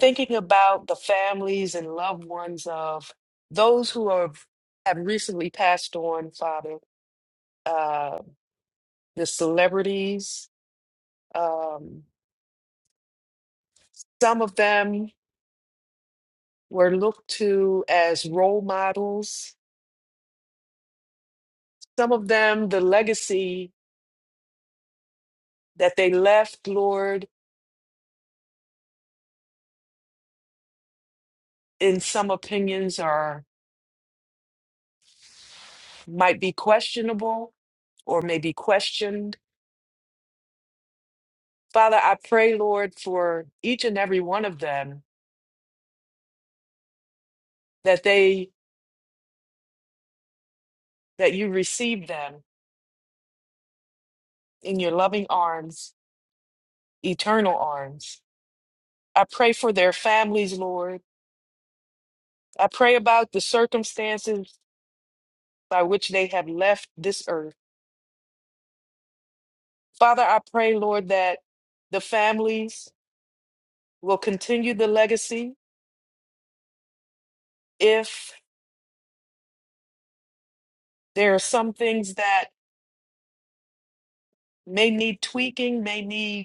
thinking about the families and loved ones of those who are, have recently passed on, Father, uh, the celebrities. Um, some of them were looked to as role models, some of them, the legacy that they left, Lord, in some opinions are. might be questionable or may be questioned. Father, I pray, Lord, for each and every one of them that they that you receive them in your loving arms, eternal arms. I pray for their families, Lord. I pray about the circumstances by which they have left this earth. Father, I pray, Lord, that the families will continue the legacy if there are some things that may need tweaking, may need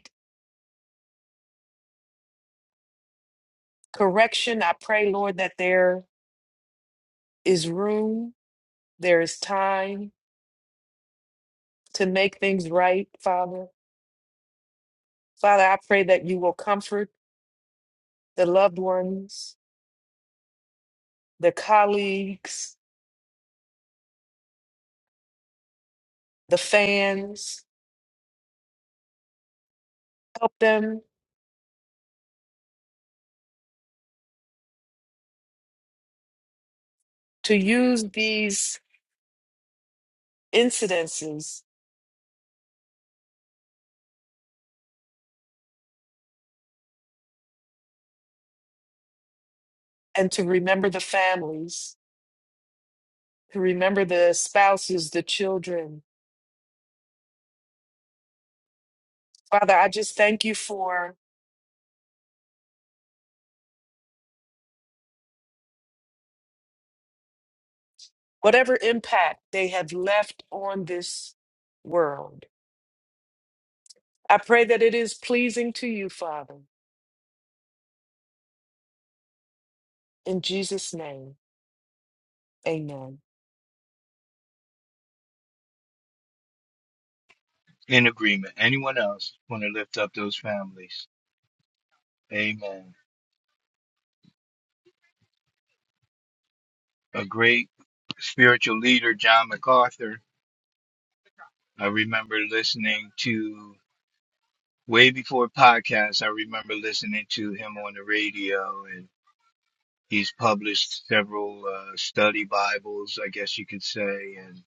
correction. I pray, Lord, that there is room, there is time to make things right, Father. Father, I pray that you will comfort the loved ones, the colleagues, the fans, help them to use these incidences and to remember the families, to remember the spouses, the children. Father, I just thank you for whatever impact they have left on this world. I pray that it is pleasing to you, Father. In Jesus' name, amen.
in agreement. Anyone else want to lift up those families? Amen. A great spiritual leader, John MacArthur. I remember listening to way before podcasts. I remember listening to him on the radio and. He's published several uh, study Bibles, I guess you could say, and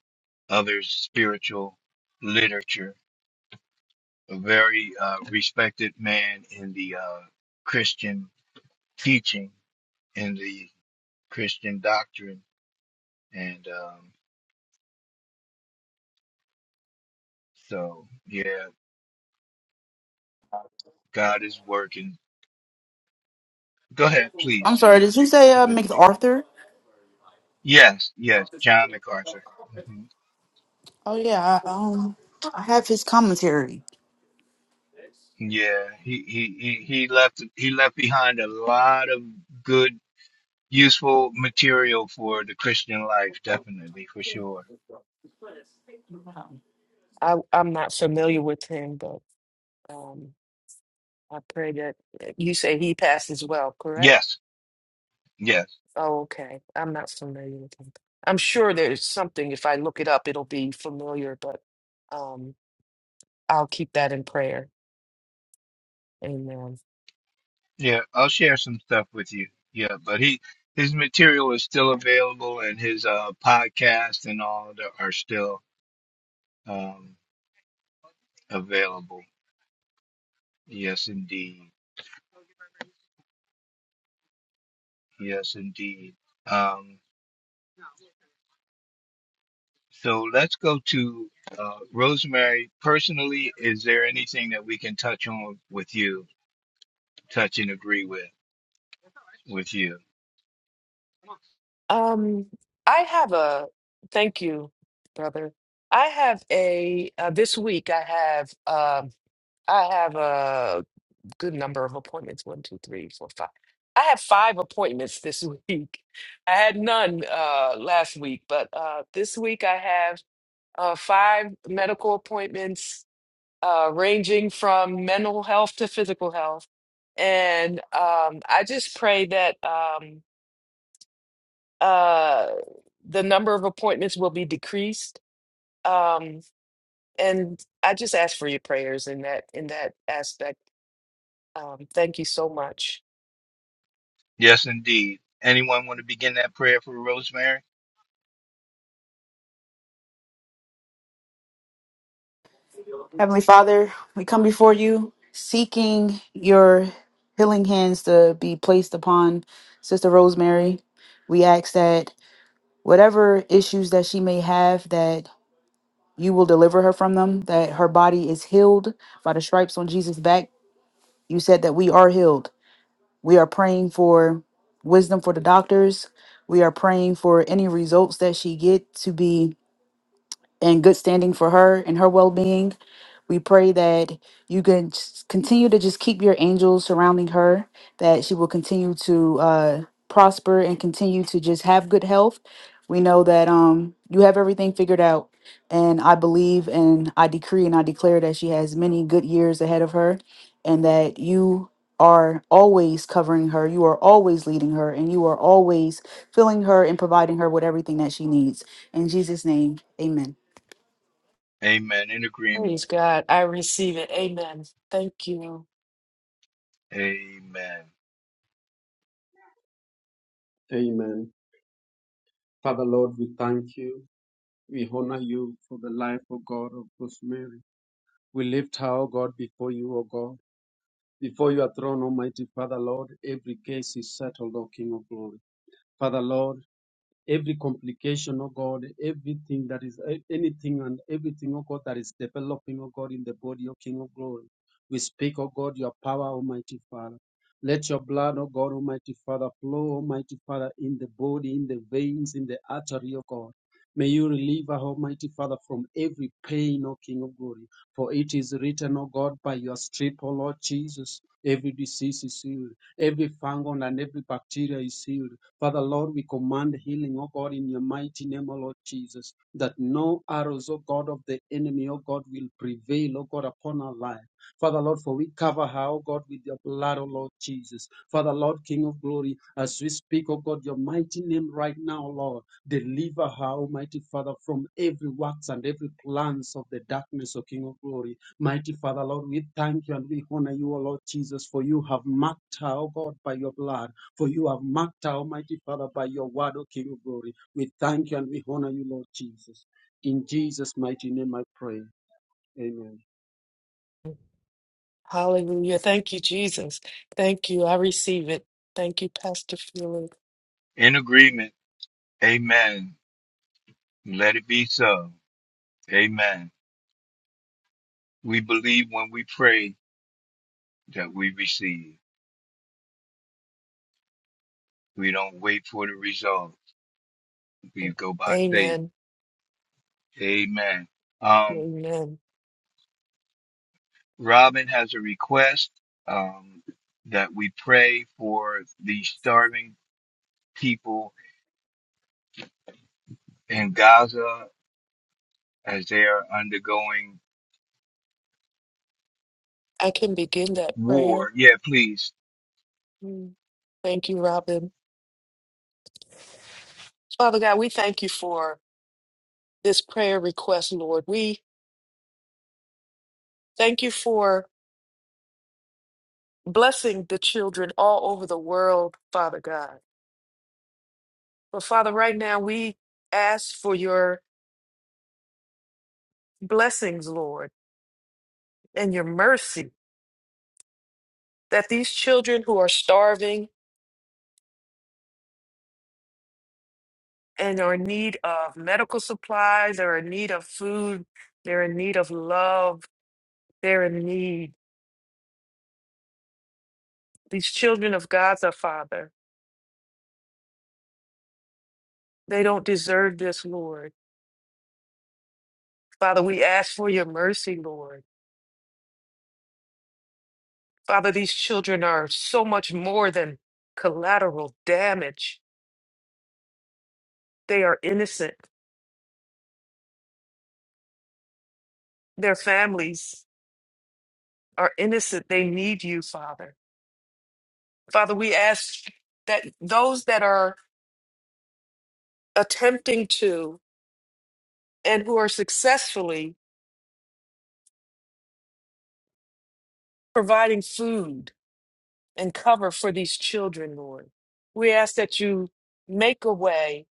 other spiritual literature. A very uh, respected man in the uh, Christian teaching, in the Christian doctrine. And um, so, yeah, God is working. Go ahead,
I'm
please,
sorry, did you say uh,
Divinity.
MacArthur?
Yes, yes, John MacArthur. hmm
Oh, yeah. I, um, I have his commentary.
Yeah, he, he he he left he left behind a lot of good useful material for the Christian life, definitely for sure.
I, I'm not familiar with him, but um, I pray that eh, you say he passes well, correct?
Yes, yes,
Oh, okay. I'm not familiar with him. I'm sure there's something, if I look it up, it'll be familiar, but um, I'll keep that in prayer. Amen.
yeah. I'll share some stuff with you. Yeah, but he his material is still available, and his uh, podcast and all that are still um, available. Yes, indeed. Yes, indeed. Um, so let's go to uh, Rosemary. Personally, is there anything that we can touch on with you, touch and agree with with you?
Um, I have a, thank you, brother. I have a, uh, this week I have, um, I have a good number of appointments. One, two, three, four, five. I have five appointments this week. I had none uh, last week, but uh, this week I have uh, five medical appointments, uh, ranging from mental health to physical health. And um, I just pray that um, uh, the number of appointments will be decreased. Um, and I just ask for your prayers in that in that aspect. Um, thank you so much.
Yes, indeed. Anyone want to begin that prayer for Rosemary?
Heavenly Father, we come before you seeking your healing hands to be placed upon Sister Rosemary. We ask that whatever issues that she may have, that you will deliver her from them, that her body is healed by the stripes on Jesus' back. You said that we are healed. We are praying for wisdom for the doctors. We are praying for any results that she get to be and good standing for her and her well being. We pray that you can just continue to just keep your angels surrounding her, that she will continue to uh, prosper and continue to just have good health. We know that um, you have everything figured out. And I believe and I decree and I declare that she has many good years ahead of her and that you are always covering her. You are always leading her and you are always filling her and providing her with everything that she needs. In Jesus' name, amen.
Amen. In agreement.
Praise God. I receive it. Amen. Thank you.
Amen.
Amen. Father Lord, we thank you. We honor you for the life, O God, of Rosemary. We lift her, O God, before you, O God. Before your throne, Almighty Father, Lord, every case is settled, O King of glory. Father, Lord, every complication, oh God, everything that is eh, anything and everything, oh God, that is developing, oh God, in the body, oh King of glory. We speak, oh God, your power, Almighty Father. Let your blood, oh God, Almighty Father, flow, Almighty Father, in the body, in the veins, in the artery, oh God. May you relieve our Almighty Father from every pain, O King of glory. For it is written, O God, by your strip, O Lord Jesus, every disease is healed, every fungus and every bacteria is healed. Father, Lord, we command healing, oh God, in your mighty name, oh Lord Jesus, that no arrows, oh God, of the enemy, oh God, will prevail, oh God, upon our life. Father, Lord, for we cover her, oh God, with your blood, oh Lord Jesus. Father, Lord, King of glory, as we speak, oh God, your mighty name right now, Lord, deliver her, Almighty Father, from every works and every plans of the darkness, O King of glory. Mighty Father, Lord, we thank you and we honor you, O Lord Jesus, for you have marked her, O God, by your blood. For you have marked our Almighty Father, by your word, O King of glory. We thank you and we honor you, Lord Jesus. In Jesus' mighty name I pray. Amen.
Hallelujah. Thank you, Jesus. Thank you. I receive it. Thank you, Pastor Felix.
In agreement. Amen. Let it be so. Amen. We believe when we pray that we receive. We don't wait for the result. We go by faith.
Amen.
Amen. Um,
Amen.
Robin has a request um, that we pray for the starving people in Gaza as they are undergoing
I can begin that prayer.
War. Yeah, please.
Mm. Thank you, Robin. Father God, we thank you for this prayer request, Lord. We thank you for blessing the children all over the world, Father God. But Father, right now we ask for your blessings, Lord, and your mercy that these children who are starving and are in need of medical supplies, they're in need of food, they're in need of love, they're in need. These children of Gaza, Father. They don't deserve this, Lord. Father, we ask for your mercy, Lord. Father, these children are so much more than collateral damage. They are innocent. Their families are innocent. They need you, Father. Father, we ask that those that are attempting to and who are successfully providing food and cover for these children, Lord, we ask that you make a way,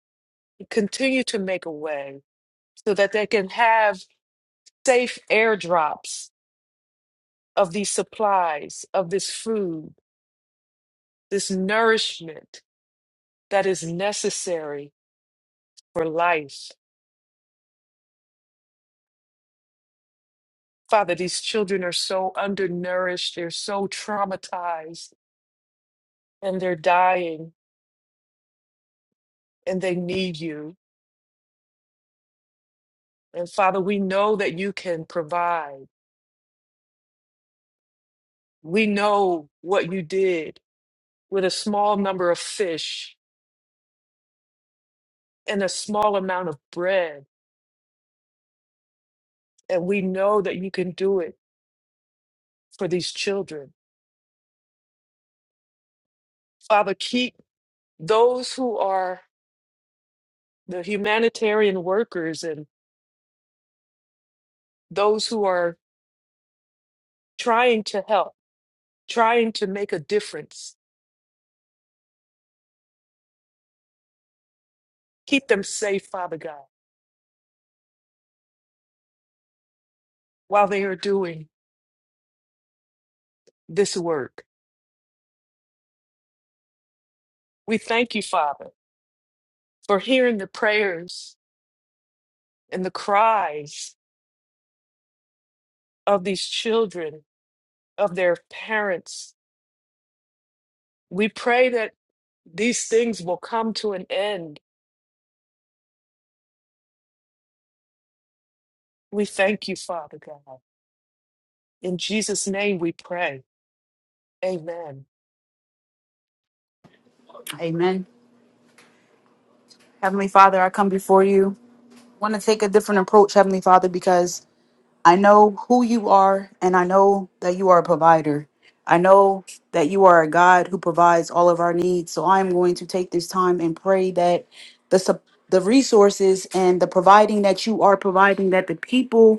continue to make a way so that they can have safe airdrops of these supplies, of this food, this nourishment that is necessary for life. Father, these children are so undernourished, they're so traumatized, and they're dying, and they need you. And Father, we know that you can provide. We know what you did with a small number of fish and a small amount of bread. And we know that you can do it for these children. Father, keep those who are the humanitarian workers and those who are trying to help, trying to make a difference. Keep them safe, Father God, while they are doing this work. We thank you, Father, for hearing the prayers and the cries of these children, of their parents. We pray that these things will come to an end. We thank you, Father God. In Jesus' name we pray. Amen.
Amen. Heavenly Father, I come before you. I want to take a different approach, Heavenly Father, because I know who you are and I know that you are a provider. I know that you are a God who provides all of our needs. So I am going to take this time and pray that the sup- the resources and the providing that you are providing that the people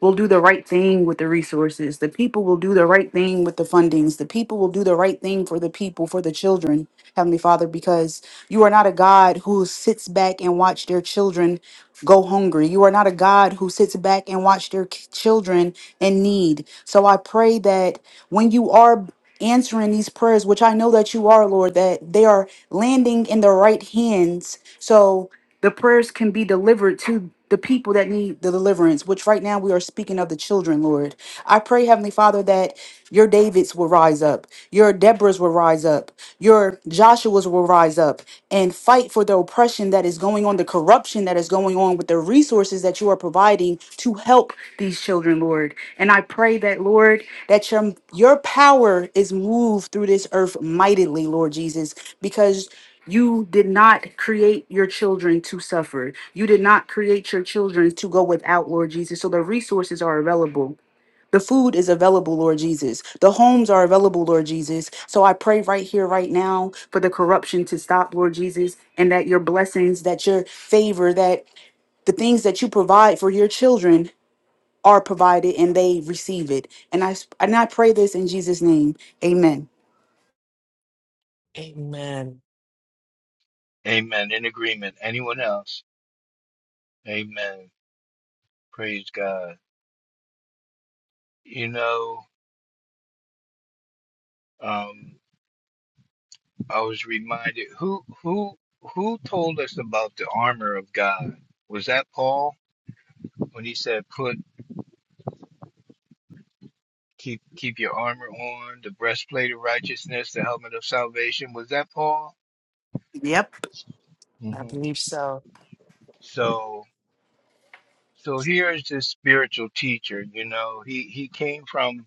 will do the right thing with the resources. The people will do the right thing with the fundings. The people will do the right thing for the people, for the children, Heavenly Father, because you are not a God who sits back and watch their children go hungry. You are not a God who sits back and watch their k- children in need. So I pray that when you are answering these prayers, which I know that you are, Lord, that they are landing in the right hands. So the prayers can be delivered to the people that need the deliverance, which right now we are speaking of the children, Lord. I pray, Heavenly Father, that your Davids will rise up, your Deborahs will rise up, your Joshuas will rise up and fight for the oppression that is that is going on, the corruption that is going on with the resources that you are providing to help these children, Lord. And I pray that, Lord, that your, your power is moved through this earth mightily, Lord Jesus, because you did not create your children to suffer. You did not create your children to go without, Lord Jesus. So the resources are available. The food is available, Lord Jesus. The homes are available, Lord Jesus. So I pray right here, right now, for the corruption to stop, Lord Jesus, and that your blessings, that your favor, that the things that you provide for your children are provided and they receive it. And I s- and I pray this in Jesus' name. Amen.
Amen.
Amen. In agreement. Anyone else? Amen. Praise God. You know, um, I was reminded who who who told us about the armor of God? Was that Paul when he said, "Put keep keep your armor on, the breastplate of righteousness, the helmet of salvation"? Was that Paul?
Yep.
I
hmm
believe so.
So so here is this spiritual teacher. You know, he he came from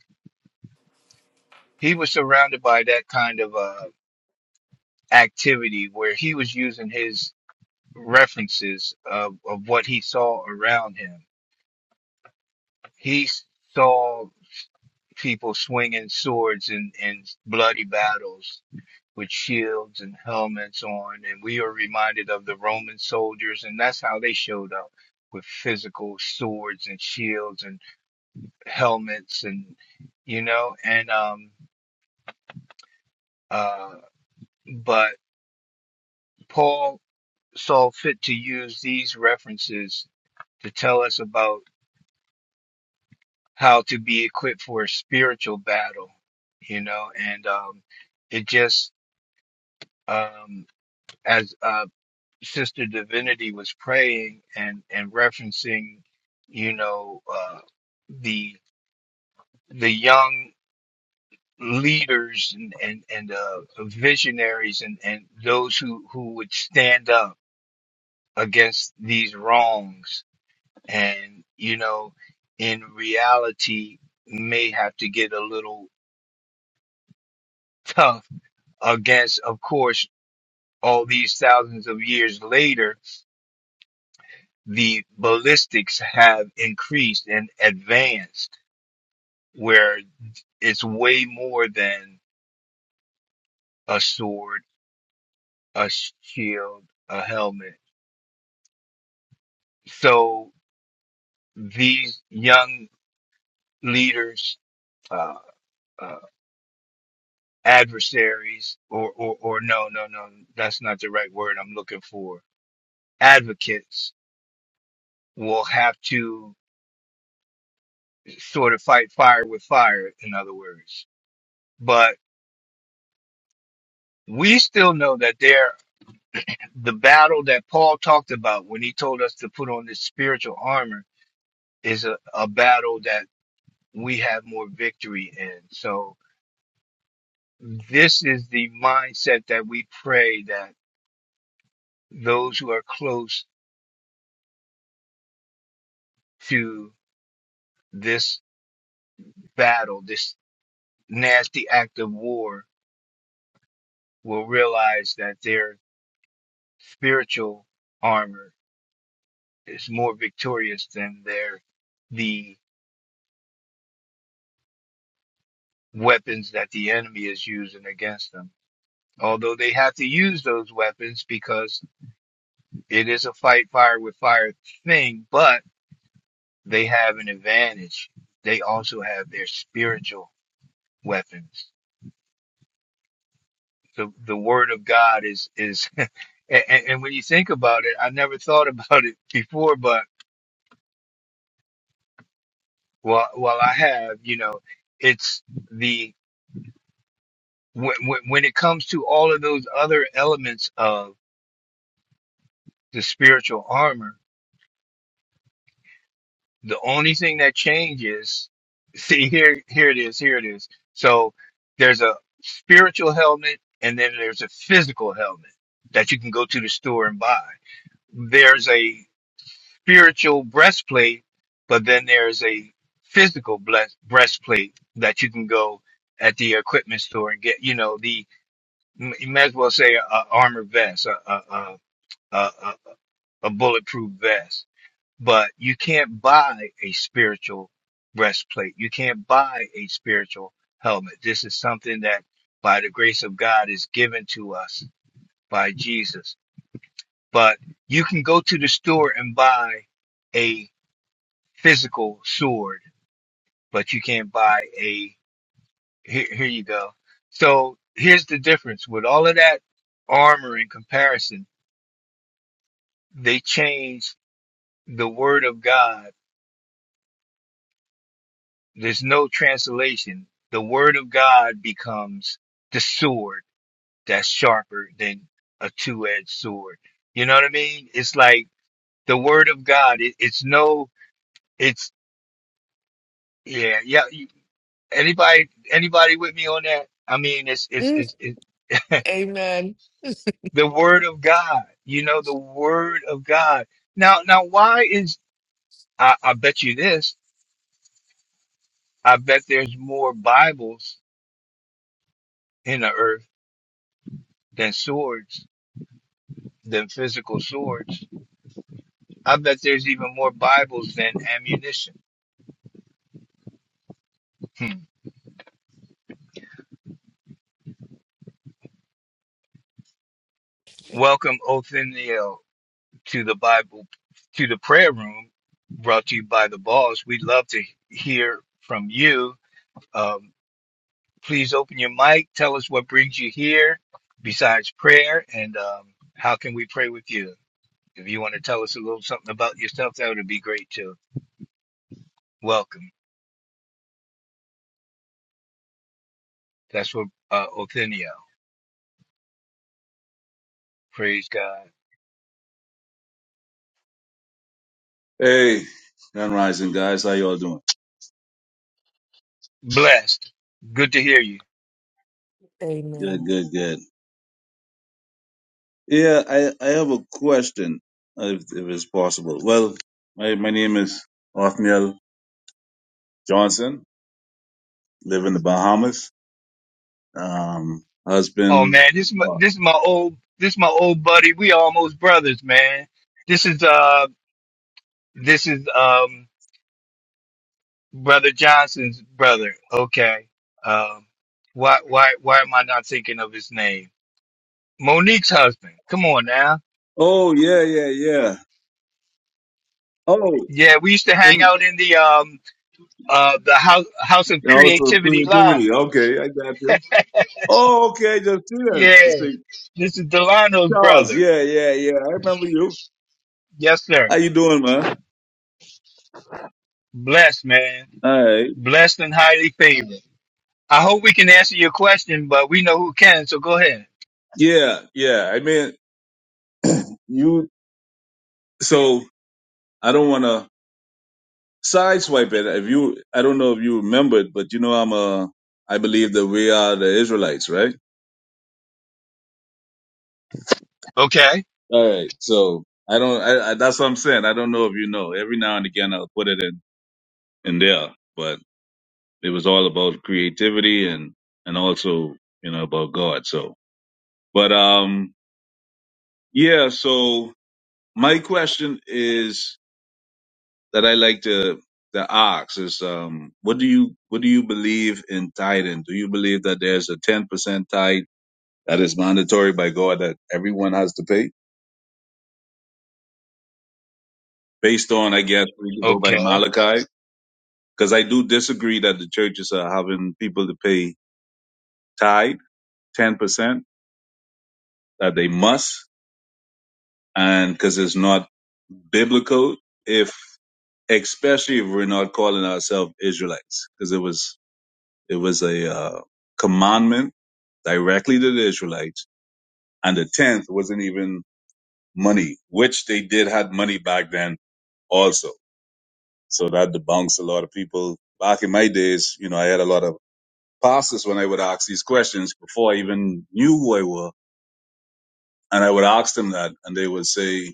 he was surrounded by that kind of uh activity where he was using his references of, of what he saw around him. He saw people swinging swords in, in bloody battles with shields and helmets on, and we are reminded of the Roman soldiers, and that's how they showed up with physical swords and shields and helmets and you know and um uh but Paul saw fit to use these references to tell us about how to be equipped for a spiritual battle, you know, and um, it just um, as uh, Sister Divinity was praying and and referencing, you know, uh, the the young leaders and and and uh, visionaries and and those who who would stand up against these wrongs and you know in reality may have to get a little tough against, of course, all these thousands of years later, the ballistics have increased and advanced, where it's way more than a sword, a shield, a helmet. So these young leaders, uh, uh, adversaries, or, or, or no, no, no, that's not the right word I'm looking for. Advocates will have to sort of fight fire with fire, in other words But we still know that there, the battle that Paul talked about when he told us to put on this spiritual armor is a, a battle that we have more victory in. So this is the mindset that we pray that those who are close to this battle, this nasty act of war, will realize that their spiritual armor is more victorious than their the weapons that the enemy is using against them. Although they have to use those weapons because it is a fight fire with fire thing, but they have an advantage. They also have their spiritual weapons. The, the word of God is, is, and, and when you think about it, I never thought about it before, but well, well, I have, you know, it's the, when, when when it comes to all of those other elements of the spiritual armor, The only thing that changes, see here, here it is, here it is. So there's a spiritual helmet and then there's a physical helmet that you can go to the store and buy. There's a spiritual breastplate, but then there's a physical bless- breastplate that you can go at the equipment store and get, you know, the, you may as well say a, a armor vest, a, a, a, a, a a bulletproof vest but you can't buy a spiritual breastplate. You can't buy a spiritual helmet. This is something that by the grace of God is given to us by Jesus. But you can go to the store and buy a physical sword, but you can't buy a here, here you go. So here's the difference with all of that armor in comparison. They changed the word of God There's no translation. The word of God becomes the sword that's sharper than a two-edged sword. You know what I mean? It's like the word of God. It, it's no. It's yeah, yeah. you- Anybody, anybody with me on that? I mean, it's it's
Mm,
it's, it's
Amen.
the word of God. You know, the word of God. Now, now, why is I, I bet you this? I bet there's more Bibles in the earth than swords, than physical swords I bet there's even more Bibles than ammunition. Hmm. Welcome, Othniel, to the Bible, to the prayer room brought to you by the boss. We'd love to hear from you. Um, please open your mic. Tell us what brings you here besides prayer and um, how can we pray with you? If you want to tell us a little something about yourself, that would be great too. Welcome. That's what uh, Othniel. Praise God.
Hey, Gun Rising guys, how y'all doing?
Blessed. Good to hear you.
Good,
Amen.
good, good. Yeah, I, I have a question, uh, if, if it's possible. Well, my, my name is Othniel Johnson, live in the Bahamas. Um,
Oh
husband.
man, this is my
What?
this is my old this is my old buddy. We almost brothers, man. This is uh this is um brother Johnson's brother. Okay. Um why why why am I not thinking of his name? Monique's husband. Come on now.
Oh, yeah, yeah, yeah. Oh,
Yeah, we used to hang
and
out in the um uh the house house of
also
creativity
creativity.
live.
Okay, I got you. Oh, okay, just see that. Just
Yeah.
think,
This is Delano's
Charles,
brother.
yeah, yeah, yeah. I remember you.
Yes, sir.
How you doing, man?
Blessed man.
All right.
Blessed and highly favored. I hope we can answer your question, but we know who can, so go ahead.
Yeah, yeah. I mean, you. So I don't want to sideswipe it. If you, I don't know if you remembered, but you know, I'm a, I believe that we are the Israelites, right?
Okay.
All right. So I don't, I, I, that's what I'm saying. I don't know if you know. Every now and again, I'll put it in, in there, but it was all about creativity and, and also, you know, about God. So, but, um, yeah. So my question is that I like to, to ask is um what do you what do you believe in tithing? Do you believe that there's a ten percent tithe That is mandatory by God that everyone has to pay. Based on, I guess, we could go by
Okay.
Malachi, because I do disagree that the churches are having people to pay tithe, 10%, that they must, and because it's not biblical if, especially if we're not calling ourselves Israelites, because it was, it was a uh, commandment directly to the Israelites, and the 10th wasn't even money, which they did had money back then also. So that debunks a lot of people. Back in my days, you know, I had a lot of pastors when I would ask these questions before I even knew who I were. And I would ask them that and they would say,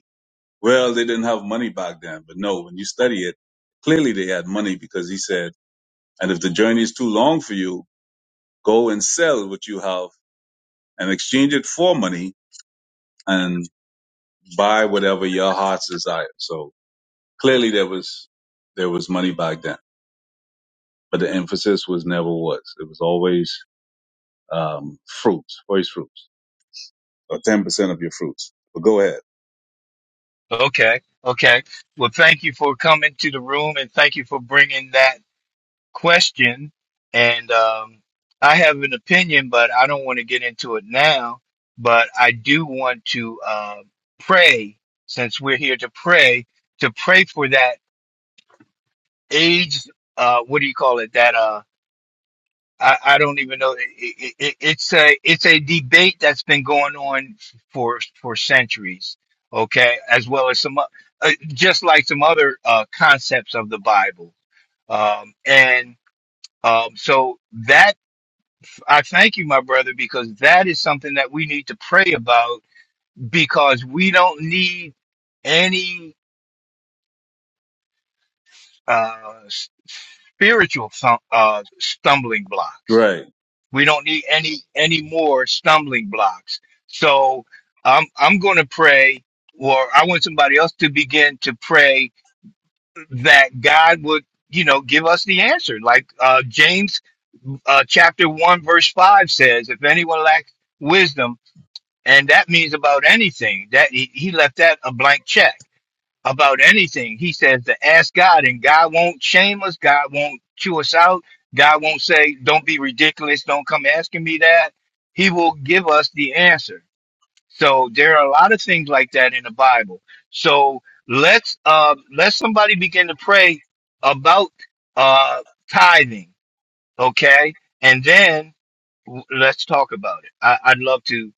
well, they didn't have money back then. But no, when you study it, clearly they had money because he said, and if the journey is too long for you, go and sell what you have and exchange it for money and buy whatever your heart's desire. So clearly there was, there was money back then, but the emphasis was never was. It was always um, fruits, first fruits. or ten percent of your fruits. But go ahead.
Okay. Okay. Well, thank you for coming to the room and thank you for bringing that question. And um, I have an opinion, but I don't want to get into it now. But I do want to uh, pray, since we're here to pray, to pray for that age. Uh, what do you call it? That uh, I, I don't even know. It, it, it's a it's a debate that's been going on for for centuries. Okay, as well as some o- uh, just like some other uh, concepts of the Bible, um, and um, so that I thank you, my brother, because that is something that we need to pray about because we don't need any uh, spiritual thump, uh, stumbling blocks
Right.
We don't need any any more stumbling blocks. So I'm I'm going to pray, or I want somebody else to begin to pray that God would, you know, give us the answer. Like uh, James uh, chapter one verse five says, "If anyone lacks wisdom," and that means about anything. That he, he left that a blank check about anything. He says to ask God, and God won't shame us. God won't chew us out. God won't say, "Don't be ridiculous. Don't come asking me that." He will give us the answer. So there are a lot of things like that in the Bible. So let's uh, let somebody begin to pray about uh, tithing, okay? And then let's talk about it. I, I'd love to.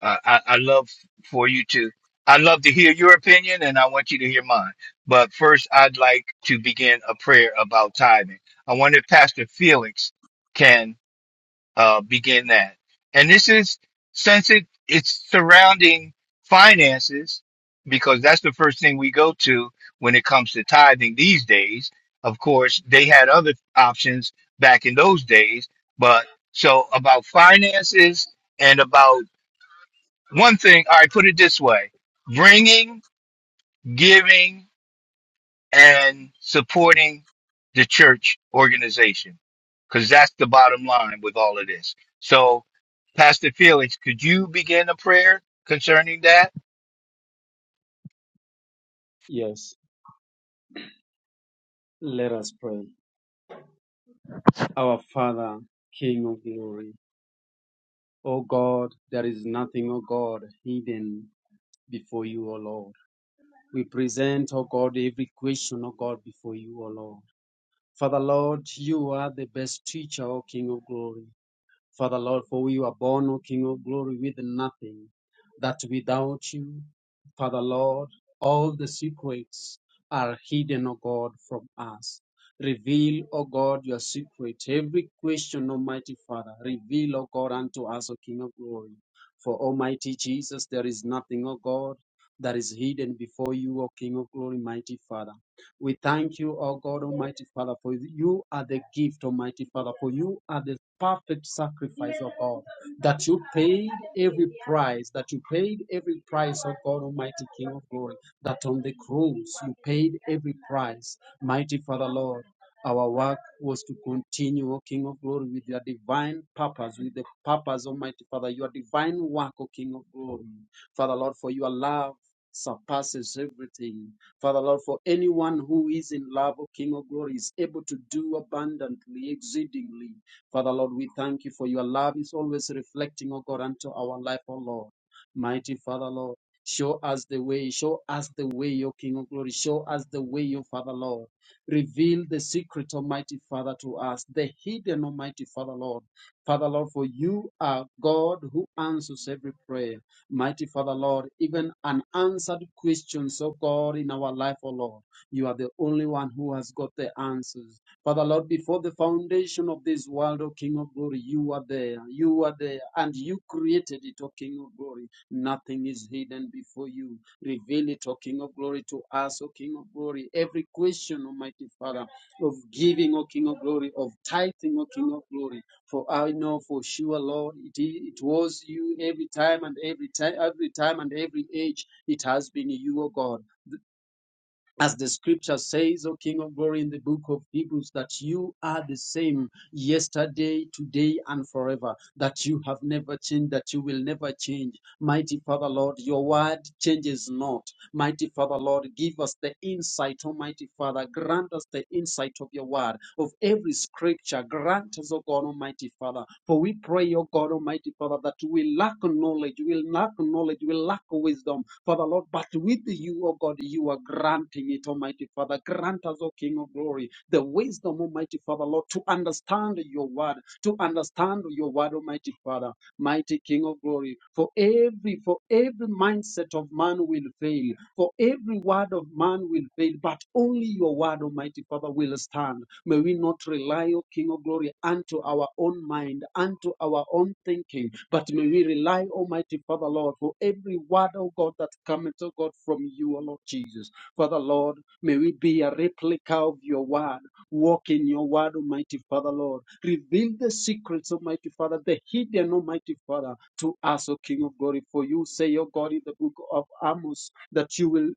Uh, I, I love for you to. I'd love to hear your opinion, and I want you to hear mine. But first, I'd like to begin a prayer about tithing. I wonder if Pastor Felix can uh, begin that. And this is since it it's surrounding finances because that's the first thing we go to when it comes to tithing these days. Of course, they had other options back in those days, but so about finances and about one thing. All right, put it this way: bringing, giving, and supporting the church organization because that's the bottom line with all of this. So, Pastor Felix, could you begin a prayer concerning that?
Yes, let us pray. Our Father, King of glory, O God, there is nothing, O God, hidden before you, O Lord. We present, O God, every question, O God, before you, O Lord. Father, Lord, you are the best teacher, O King of glory. Father Lord, for you are born, O King of glory, with nothing, that without you, Father Lord, all the secrets are hidden, O God, from us. Reveal, O God, your secret. Every question, Almighty Father, reveal, O God, unto us, O King of glory. For Almighty Jesus, there is nothing, O God, that is hidden before you, O King of glory, mighty Father. We thank you, O God, Almighty Father, for you are the gift, Almighty Father, for you are the perfect sacrifice, O God, that you paid every price, that you paid every price, O God, Almighty King of glory, that on the cross you paid every price, mighty Father, Lord. Our work was to continue, O King of Glory, with your divine purpose, with the purpose, Almighty Father, your divine work, O King of Glory. Father, Lord, for your love surpasses everything. Father Lord, for anyone who is in love, O King of glory, is able to do abundantly, exceedingly. Father Lord, we thank you for your love is always reflecting, O God, unto our life, O Lord. Mighty Father Lord, show us the way, show us the way, O King of glory, show us the way, O Father Lord. Reveal the secret, Almighty Father, to us, the hidden, Almighty Father Lord. Father Lord, for you are God who answers every prayer. Mighty Father, Lord, even unanswered questions, oh God, in our life, oh Lord. You are the only one who has got the answers. Father, Lord, before the foundation of this world, O King of glory, you are there. You are there. And you created it, O King of glory. Nothing is hidden before you. Reveal it, O King of Glory, to us, O King of Glory. Every question, Almighty Father, of giving, O King of Glory, of tithing, O King of Glory. For I know for sure, Lord, it, i- it was you every time and every time, every time and every age. It has been you, O God as the scripture says, O King of Glory, in the book of Hebrews, that you are the same yesterday, today, and forever, that you have never changed, that you will never change. Mighty Father, Lord, your word changes not. Mighty Father, Lord, give us the insight, Almighty Father, grant us the insight of your word, of every scripture, grant us, O God, Almighty Father, for we pray, O God, Almighty Father, that we lack knowledge, we lack knowledge, we lack wisdom Father Lord, but with you, O God, you are granting it, Almighty Father. Grant us, O King of Glory, the wisdom, Almighty Father Lord, to understand your word, to understand your word, Almighty Father, mighty King of Glory. For every for every mindset of man will fail. For every word of man will fail, but only your word, Almighty Father, will stand. May we not rely, O King of glory, unto our own mind, unto our own thinking, but may we rely, Almighty Father, Lord, for every word, O God, that cometh, O God, from you, O Lord Jesus. Father, Lord, may we be a replica of your word. Walk in your word, Almighty Father, Lord. Reveal the secrets, Almighty Father, the hidden, Almighty Father to us, O King of Glory. For you say, O God, in the book of Amos, that you will.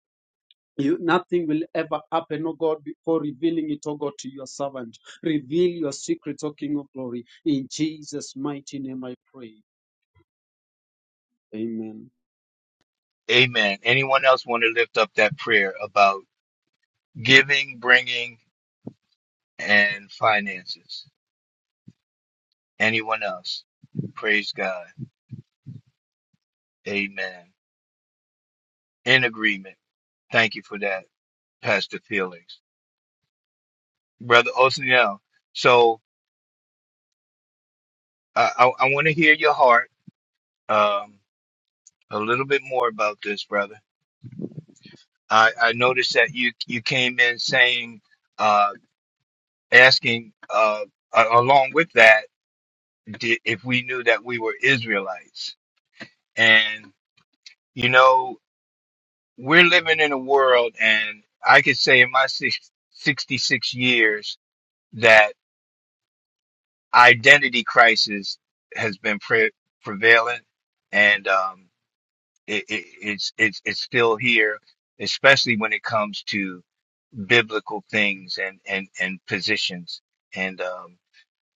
You, nothing will ever happen, O God, before revealing it, O God, to your servant. Reveal your secret, O King of Glory. In Jesus' mighty name I pray. Amen.
Amen. Anyone else want to lift up that prayer about giving, bringing, and finances? Anyone else? Praise God. Amen. In agreement. Thank you for that, Pastor Felix. Brother Osniel, so uh, I, I want to hear your heart. Um, a little bit more about this, brother. I, I noticed that you you came in saying, uh, asking uh, a- along with that di- if we knew that we were Israelites, and you know we're living in a world, and I could say in my six, 66 years that identity crisis has been pre- prevalent, and um, it, it, it's it's it's still here, especially when it comes to biblical things and and and positions and um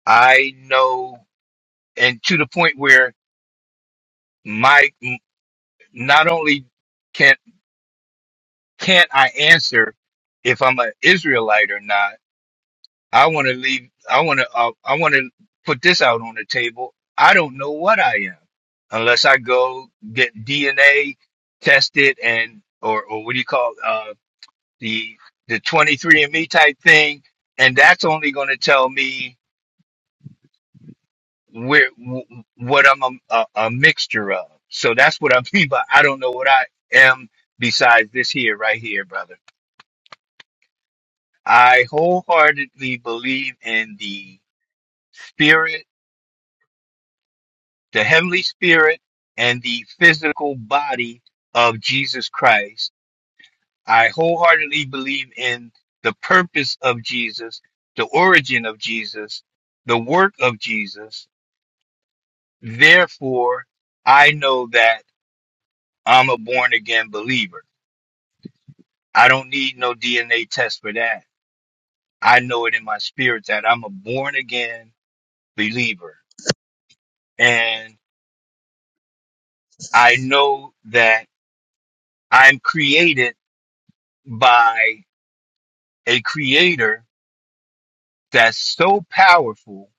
i know and to the point where my not only can can't i answer if i'm an israelite or not i want to leave i want to uh, i want to put this out on the table i don't know what i am unless i go get dna tested and or or what do you call uh the the 23 and Me type thing and that's only going to tell me where w- what I'm a, a, a mixture of. So that's what I mean by I don't know what I am besides this here, right here, brother. I wholeheartedly believe in the spirit, the heavenly spirit, and the physical body of Jesus Christ. I wholeheartedly believe in the purpose of Jesus, the origin of Jesus, the work of Jesus. Therefore, I know that I'm a born again believer I don't need no DNA test for that. I know it in my spirit that I'm a born again believer. And I know that I'm created by a creator that's so powerful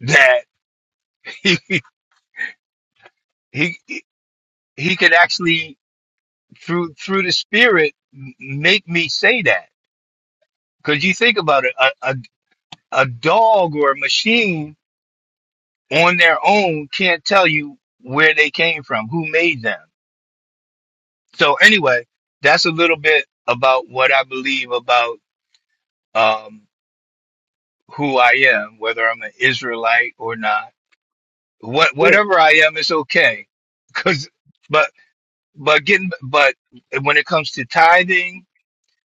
that he, he, he could actually through, through the spirit m- make me say that. Cause you think about it, a, a, a dog or a machine on their own can't tell you where they came from, who made them so anyway, that's a little bit about what I believe about um, who I am, whether I'm an Israelite or not. What
Yeah.
whatever I am, it's okay. Cause, but but getting but when it comes to tithing,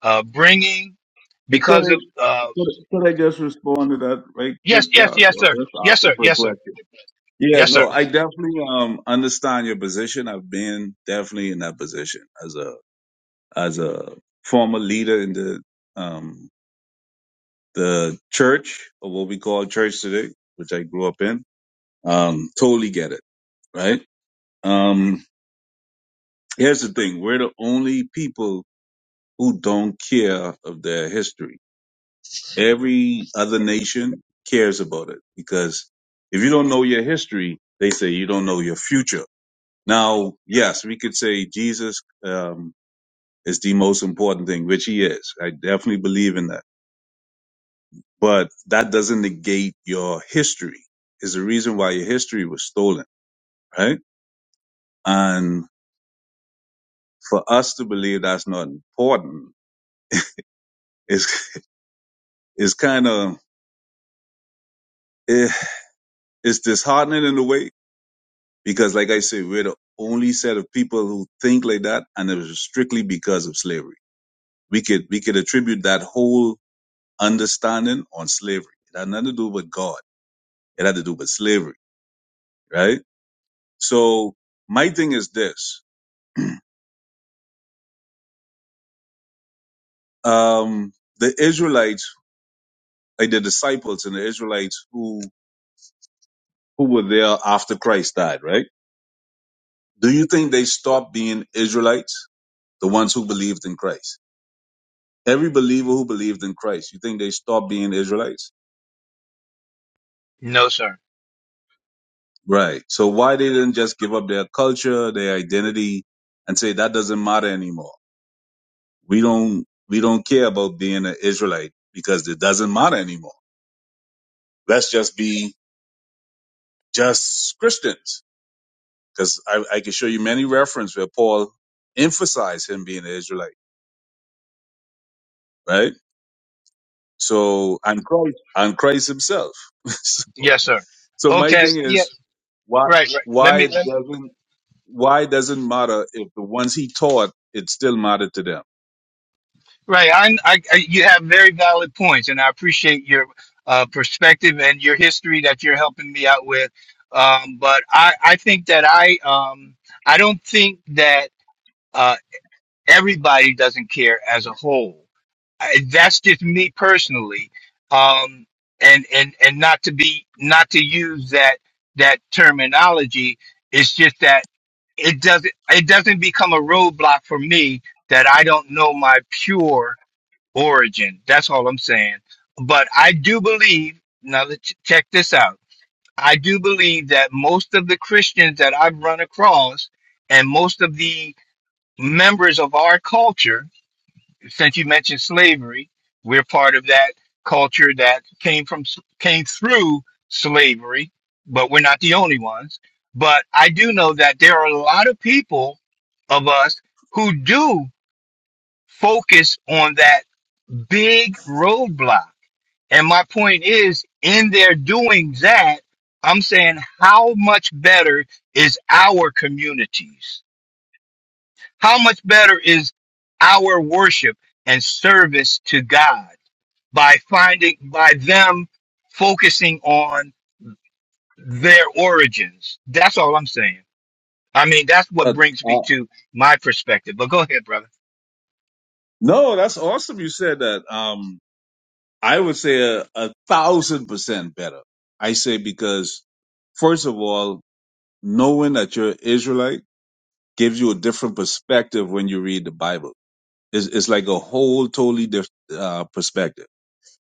uh, bringing
And Could
because
I,
of uh,
could, could I just respond to that right quick,
yes yes
Charles?
yes
Or
sir
just ask
yes
a
sir
quick
yes sir
question? Yeah,
yes sir
no, I definitely um understand your position. I've been definitely in that position as a as a former leader in the um the church or what we call church today, which I grew up in. Um, totally get it, right? Um, here's the thing: we're the only people who don't care of their history. Every other nation cares about it because if you don't know your history, they say you don't know your future. Now, yes, we could say Jesus um, is the most important thing, which he is. I definitely believe in that. But that doesn't negate your history. Is the reason why your history was stolen, right? And for us to believe that's not important is is kind of eh, it's disheartening in a way Because, like I say, we're the only set of people who think like that, and it was strictly because of slavery. We could we could attribute that whole understanding on slavery. It had nothing to do with God. It had to do with slavery, right? So my thing is this: um, the Israelites, like the disciples and the Israelites who who were there after Christ died, right? Do you think they stopped being Israelites, the ones who believed in Christ? Every believer who believed in Christ, you think they stopped being Israelites?
no sir
Right. So why they didn't just give up their culture, their identity, and say that doesn't matter anymore. We don't we don't care about being an Israelite because it doesn't matter anymore. Let's just be just Christians. Because I, I can show you many references where Paul emphasized him being an Israelite, right? So and Christ and Christ himself. so,
yes sir
so my
okay
thing
yeah
is why
right right let
why
me
it
let me
doesn't why it doesn't matter if the ones he taught it still mattered to them
Right. I, I, I- you have very valid points, and I appreciate your uh, perspective and your history that you're helping me out with. Um, but I, I think that I, um, I don't think that uh, everybody doesn't care as a whole. I, that's just me personally, um, and and and not to be not to use that that terminology. It's just that it doesn't it doesn't become a roadblock for me that I don't know my pure origin. That's all I'm saying. But I do believe, now let check this out. I do believe that most of the Christians that I've run across and most of the members of our culture, since you mentioned slavery, we're part of that culture that came from came through slavery, but we're not the only ones. But I do know that there are a lot of people of us who do focus on that big roadblock and my point is, in their doing that, I'm saying how much better is our communities? How much better is our worship and service to God by finding, by them focusing on their origins? That's all I'm saying. I mean, that's what
Uh,
brings me
uh,
to my perspective. But go ahead, brother.
no, that's awesome. You said that. Um, I would say a, a thousand percent better. I say because first of all, knowing that you're Israelite gives you a different perspective when you read the Bible. It's, it's like a whole totally different uh, perspective.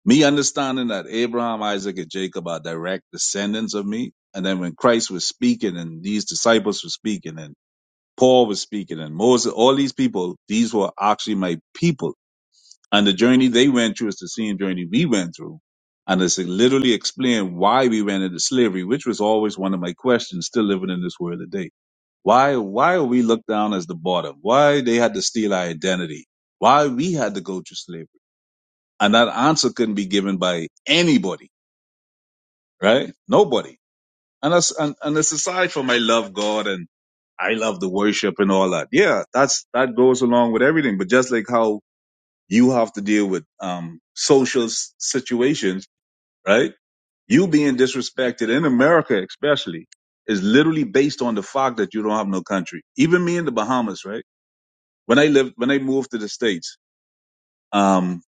Me understanding that Abraham, Isaac, and Jacob are direct descendants of me, and then when Christ was speaking, and these disciples were speaking, and Paul was speaking, and Moses, all these people, these were actually my people And the journey they went through is the same journey we went through. And it's literally explained why we went into slavery, which was always one of my questions still living in this world today. Why, why are we looked down as the bottom? Why they had to steal our identity? Why we had to go through slavery? And that answer couldn't be given by anybody, right? Nobody. And that's, and, and it's aside from I love God and I love the worship and all that. Yeah, that's, that goes along with everything. But just like how you have to deal with um, social s- situations, right? You being disrespected in America, especially, is literally based on the fact that you don't have no country. Even me in the Bahamas, right? When I lived, when I moved to the States, um,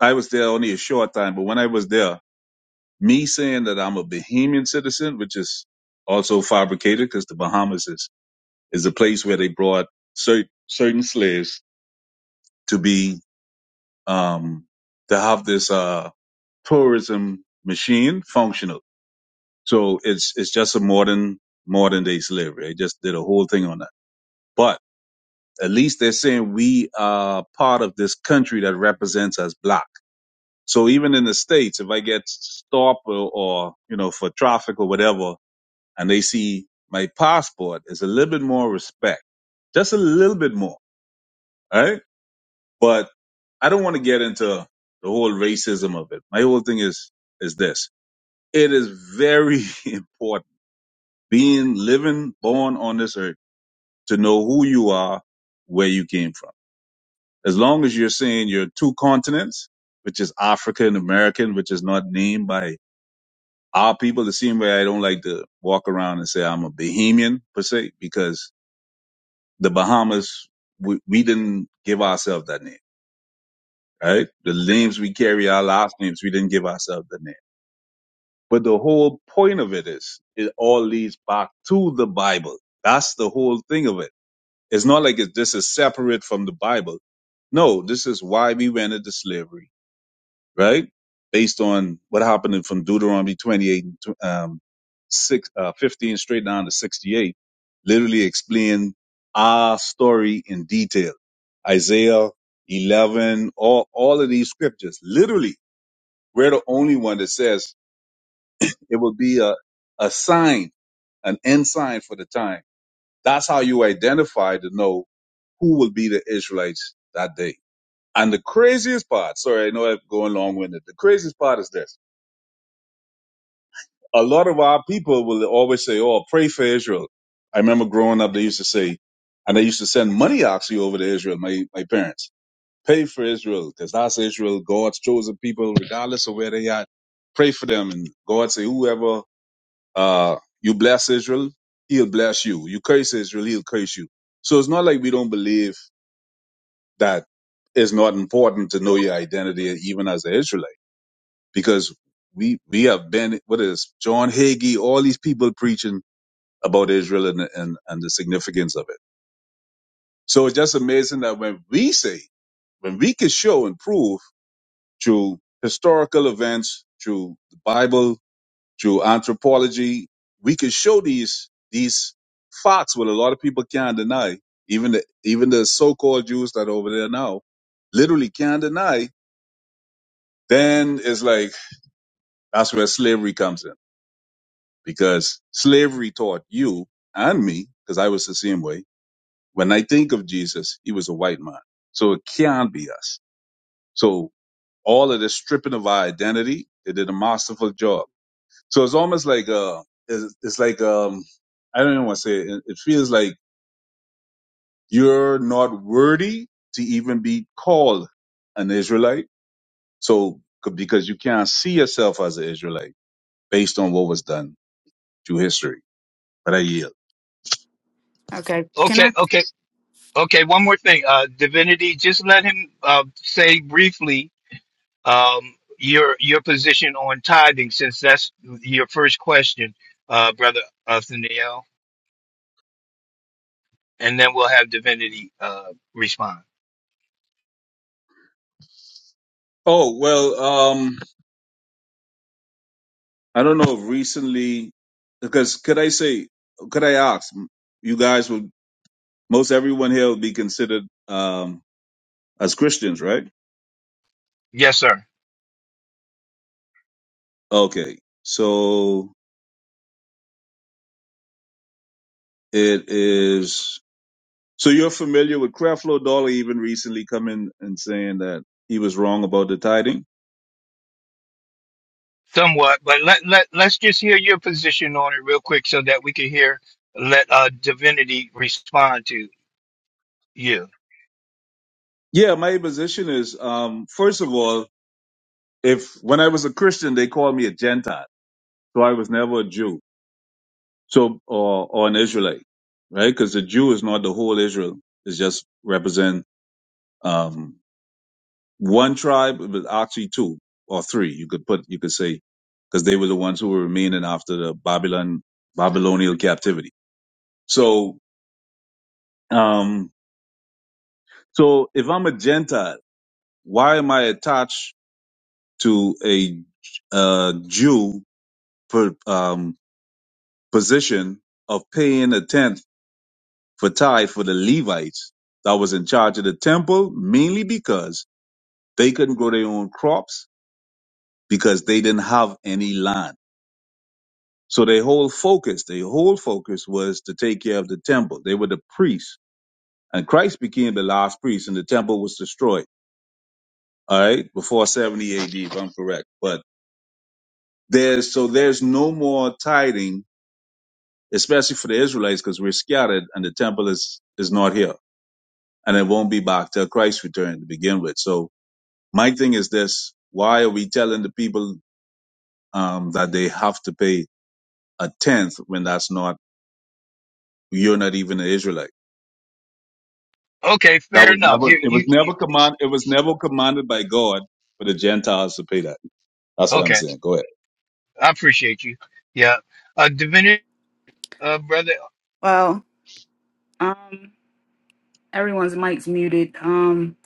I was there only a short time, but when I was there, me saying that I'm a Bahamian citizen, which is also fabricated because the Bahamas is, is a place where they brought cer- certain slaves to be, um, to have this, uh, tourism machine functional. So it's it's just a modern modern day slavery. They just did a whole thing on that. But at least they're saying we are part of this country that represents us black. So even in the states, if I get stopped or, or you know for traffic or whatever, and they see my passport, it's a little bit more respect, just a little bit more, all right? But I don't want to get into the whole racism of it. My whole thing is is this: it is very important being living, born on this earth, to know who you are, where you came from. As long as you're saying you're two continents, which is African American, which is not named by our people, the same way I don't like to walk around and say I'm a Bahamian per se, because the Bahamas, we, we didn't give ourselves that name, right? The names we carry, our last names, we didn't give ourselves that name. But the whole point of it is, it all leads back to the Bible. That's the whole thing of it It's not like it, this is separate from the Bible. No, this is why we went into slavery, right? Based on what happened in- from Deuteronomy 28, and tw- um, six, uh, 15 straight down to 68, literally explain our story in detail. Isaiah 11, all, all of these scriptures, literally, we're the only one that says it will be a, a sign, an end sign for the time. That's how you identify to know who will be the Israelites that day. And the craziest part, sorry, I know I'm going long winded. The craziest part is this. A lot of our people will always say, Oh, pray for Israel. I remember growing up, they used to say, and they used to send money actually over to Israel, my, my parents. Pray for Israel, because that's Israel, God's chosen people, regardless of where they are. Pray for them. And God say, whoever, uh, you bless Israel, he'll bless you. You curse Israel, he'll curse you. So it's not like we don't believe that it's not important to know your identity even as an Israelite because we we have been what is John Hagee, all these people preaching about Israel and and, and the significance of it. So it's just amazing that when we say when we can show and prove through historical events, through the Bible, through anthropology, we can show these these facts what a lot of people can't deny. Even the even the so-called Jews that are over there now literally can't deny Then it's like, that's where slavery comes in because slavery taught you and me, because I was the same way. When I think of Jesus, he was a white man. So it can't be us. So all of this stripping of our identity, they did a masterful job. So it's almost like, uh, it's, it's like, um, I don't even want to say it. It it feels like you're not worthy to even be called an Israelite. So, c- because you can't see yourself as an Israelite based on what was done through history. but I yield.
Okay. Can
Okay,
I
okay, okay. One more thing. Uh, Divinity, just let him uh, say briefly um, your your position on tithing, since that's your first question, uh, brother Nathaniel, and then we'll have Divinity uh, respond.
Oh well, um, I don't know if recently, because could I say, could I ask? You guys would most everyone here would be considered um, as Christians, right?
Yes, sir.
Okay, so it is. So you're familiar with Creflo Dollar even recently coming and saying that he was wrong about the tithing.
Somewhat, but let let let's just hear your position on it real quick, so that we can hear let uh, Divinity respond to you.
Yeah, my position is, um, first of all, if when I was a Christian, they called me a Gentile, so I was never a Jew. So, or, or an Israelite, right? Because the Jew is not the whole Israel. It's just represent um, one tribe, but actually two or three. You could put, you could say, because they were the ones who were remaining after the Babylon Babylonian captivity. So, um, so if I'm a Gentile, why am I attached to a uh, Jew per, um, position of paying a tenth? Fatai for the Levites that was in charge of the temple, mainly because they couldn't grow their own crops because they didn't have any land. So their whole focus, their whole focus was to take care of the temple. They were the priests. And Christ became the last priest and the temple was destroyed. All right. Before 70 AD, if I'm correct. But there's, so there's no more tithing, especially for the Israelites, because we're scattered and the temple is, is not here and it won't be back till Christ return to begin with. So My thing is this: Why are we telling the people um, that they have to pay a tenth when that's not you're not even an Israelite?
Okay,
That
fair
was never.
enough. You
It was
you, you
never command. It was never commanded by God for the Gentiles to pay that. That's what I'm
okay?
saying. Go ahead.
I appreciate you. Yeah, uh, Divinity, uh, brother.
well, um, everyone's mic's muted. Um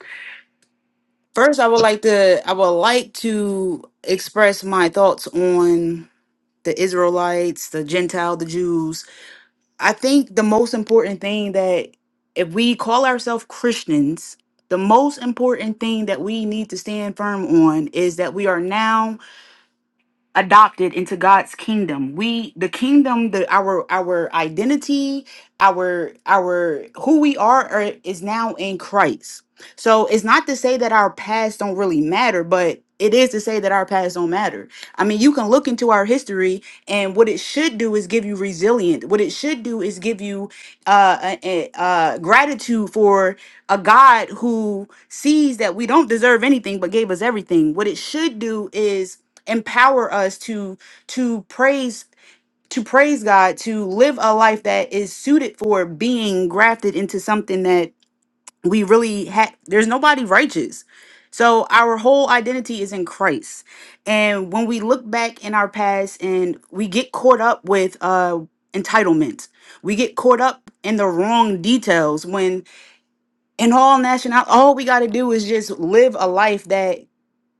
first I would like to I would like to express my thoughts on the Israelites, the Gentile, the Jews. I think the most important thing that if we call ourselves Christians, the most important thing that we need to stand firm on is that we are now adopted into God's kingdom. We the kingdom, the our our identity, our our who we are, are is now in Christ. So it's not to say that our past don't really matter, but it is to say that our past don't matter. I mean, you can look into our history, and what it should do is give you resilience. What it should do is give you uh, a, a, uh, gratitude for a God who sees that we don't deserve anything but gave us everything. What it should do is empower us to to praise to praise God to live a life that is suited for being grafted into something that we really had there's nobody righteous so our whole identity is in Christ and when we look back in our past and we get caught up with uh entitlement we get caught up in the wrong details when in all national all we got to do is just live a life that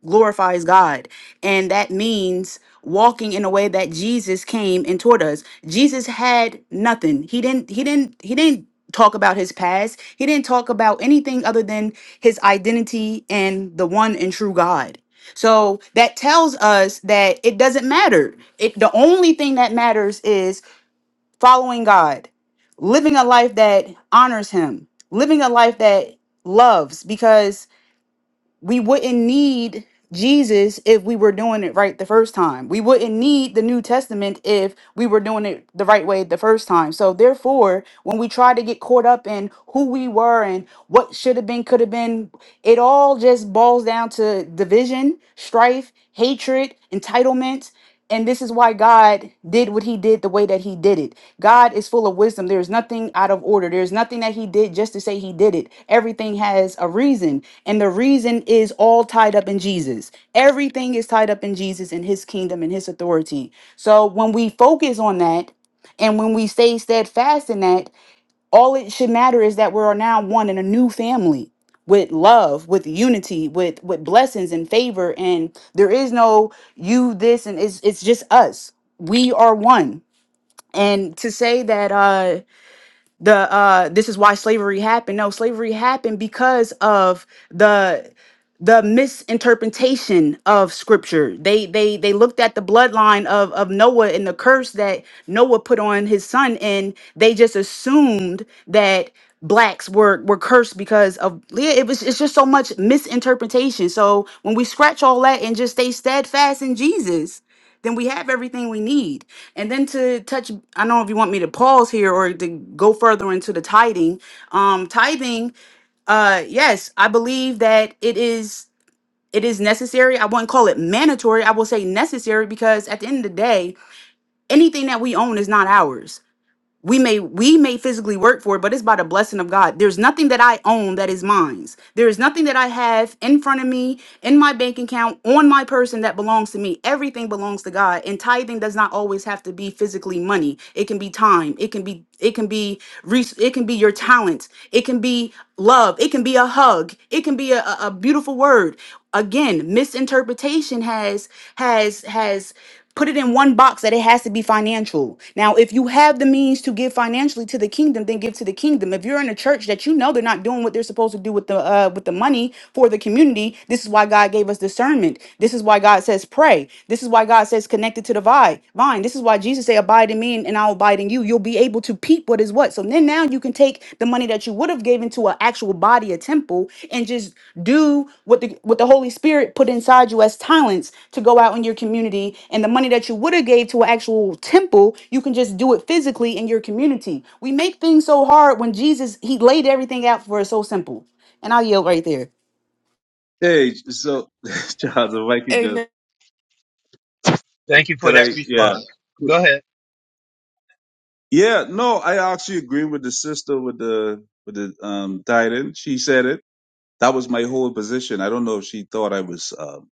glorifies God. And that means walking in a way that Jesus came and taught us. Jesus had nothing. He didn't he didn't he didn't talk about his past. He didn't talk about anything other than his identity and the one and true God. So that tells us that it doesn't matter. It the only thing that matters is following God, living a life that honors him, living a life that loves because we wouldn't need Jesus if we were doing it right the first time. We wouldn't need the New Testament if we were doing it the right way the first time. So therefore, when we try to get caught up in who we were and what should have been, could have been, it all just boils down to division, strife, hatred, entitlement and this is why God did what he did the way that he did it. God is full of wisdom. There is nothing out of order. There's nothing that he did just to say he did it. Everything has a reason. And the reason is all tied up in Jesus. Everything is tied up in Jesus and his kingdom and his authority. So when we focus on that and when we stay steadfast in that, all it should matter is that we're now one in a new family with love, with unity, with with blessings and favor. And there is no you this and it's it's just us. We are one. And to say that uh the uh this is why slavery happened no slavery happened because of the the misinterpretation of scripture they they they looked at the bloodline of of noah and the curse that noah put on his son and they just assumed that blacks were were cursed because of yeah it was it's just so much misinterpretation so when we scratch all that and just stay steadfast in jesus then we have everything we need and then to touch, I don't know if you want me to pause here or to go further into the tithing. Um, tithing, uh, yes, I believe that it is it is necessary. I wouldn't call it mandatory. I will say necessary because at the end of the day, anything that we own is not ours we may we may physically work for it but it's by the blessing of god there's nothing that i own that is mine there is nothing that i have in front of me in my bank account on my person that belongs to me everything belongs to god and tithing does not always have to be physically money it can be time it can be it can be res- it can be your talent it can be love it can be a hug it can be a, a a beautiful word again misinterpretation has has has put it in one box that it has to be financial. Now, if you have the means to give financially to the kingdom, then give to the kingdom. If you're in a church that you know they're not doing what they're supposed to do with the uh, with the money for the community, this is why God gave us discernment. This is why God says pray. This is why God says connected to the vine. Vine. This is why Jesus said abide in me and and I'll abide in you. You'll be able to peep what is what. So then now you can take the money that you would have given to an actual body, a temple, and just do what the what the Holy Spirit put inside you as talents to go out in your community. And the money that you would have gave to an actual temple, you can just do it physically in your community. We make things so hard when Jesus he laid everything out for us so simple. And I'll yield right there.
Hey, so Charles, if I could just,
Amen.
Thank you for
could
that
I? Yeah,
response. Go ahead.
yeah. No, I actually agree with the sister with the with the um titan. She said it. That was my whole position. I don't know if she thought I was um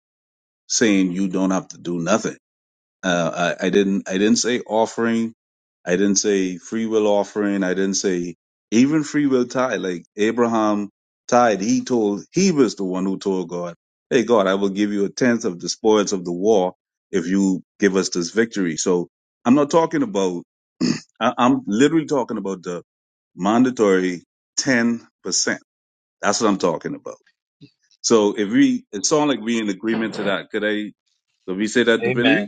saying you don't have to do nothing Uh, I, I didn't I didn't say offering. I didn't say free will offering. I didn't say even free will tithe. Like Abraham tithe, he told he was the one who told God, "Hey God, I will give you a tenth of the spoils of the war if you give us this victory." So I'm not talking about. I, I'm literally talking about the mandatory ten percent. That's what I'm talking about. So if we, it sounds like we in agreement to that. Could I? Could we say that divinity?
Amen.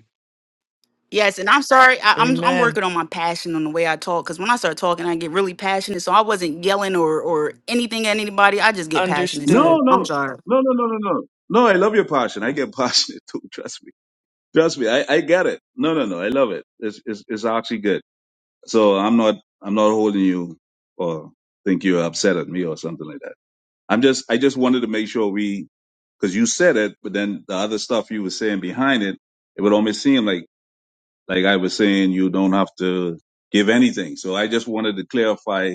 Yes, and I'm sorry. I, I'm I'm
Amen.
working on my passion on the way I talk because when I start talking, I get really passionate. So I wasn't yelling or or anything at anybody. I just get passionate.
No,
Understood.
So I'm
no,
sorry.
no, no, no, no, no. No, I love your passion. I get passionate too. Trust me. Trust me. I, I get it. No, no, no. I love it. It's, it's, it's actually good. So I'm not, I'm not holding you or think you're upset at me or something like that. I'm just, I just wanted to make sure we, cause you said it, but then the other stuff you were saying behind it, it would almost seem like, like I was saying, you don't have to give anything. So I just wanted to clarify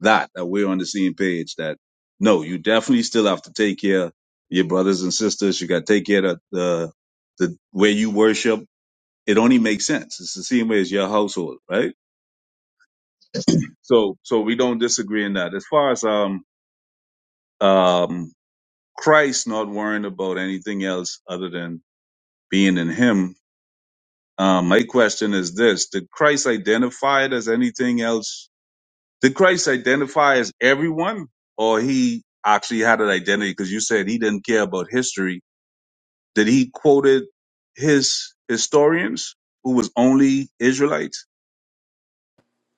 that that we're on the same page that no, you definitely still have to take care of your brothers and sisters. You got to take care of the the where you worship. It only makes sense. It's the same way as your household, right? So so we don't disagree in that. As far as um um Christ not worrying about anything else other than being in Him. Um, my question is this: Did Christ identify it as anything else Did Christ identify as everyone, or he actually had an identity? Because you said he didn't care about history. Did he quoted his historians who was only Israelites?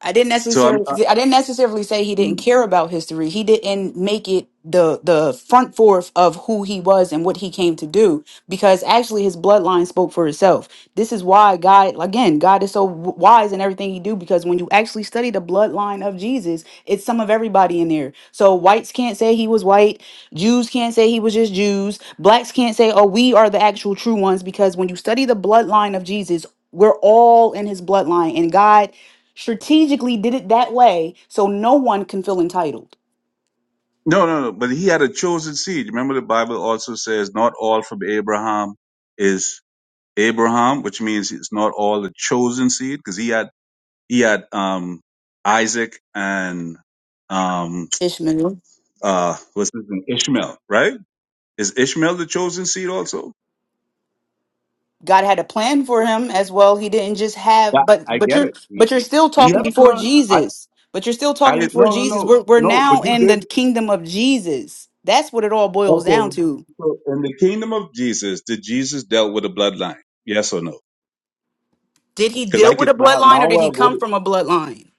I didn't
So I'm
necessarily
uh,
I didn't necessarily say he didn't
mm.
care about history. He didn't make it the the front forth of who he was and what he came to do because actually his bloodline spoke for itself. This is why God again, God is so w- wise in everything he do because when you actually study the bloodline of Jesus, it's some of everybody in there. So whites can't say he was white, Jews can't say he was just Jews, blacks can't say oh we are the actual true ones because when you study the bloodline of Jesus, we're all in his bloodline, and God strategically did it that way so no one can feel entitled.
no, no, no. But he had a chosen seed. Remember, the Bible also says not all from Abraham is Abraham, which means it's not all the chosen seed because he had he had um Isaac and um
Ishmael.
uh what's his name Ishmael, right? Is Ishmael the chosen seed also?
God had a plan for him as well. He didn't just have,
That,
but
I
but
get
you're
it. He,
but you're still
he
talking
had a
before
plan. I,
Jesus. But you're still
I
talking before
no, no,
Jesus.
no,
We're we're
no, but
now
you
in the
did.
kingdom of Jesus. That's what it all boils down
Okay.
to.
So in the kingdom of Jesus, did Jesus dealt with a bloodline? Yes or no?
Did he
Because I
deal with
could
a
now, now
bloodline or did he
I'll go
come
to,
from a bloodline?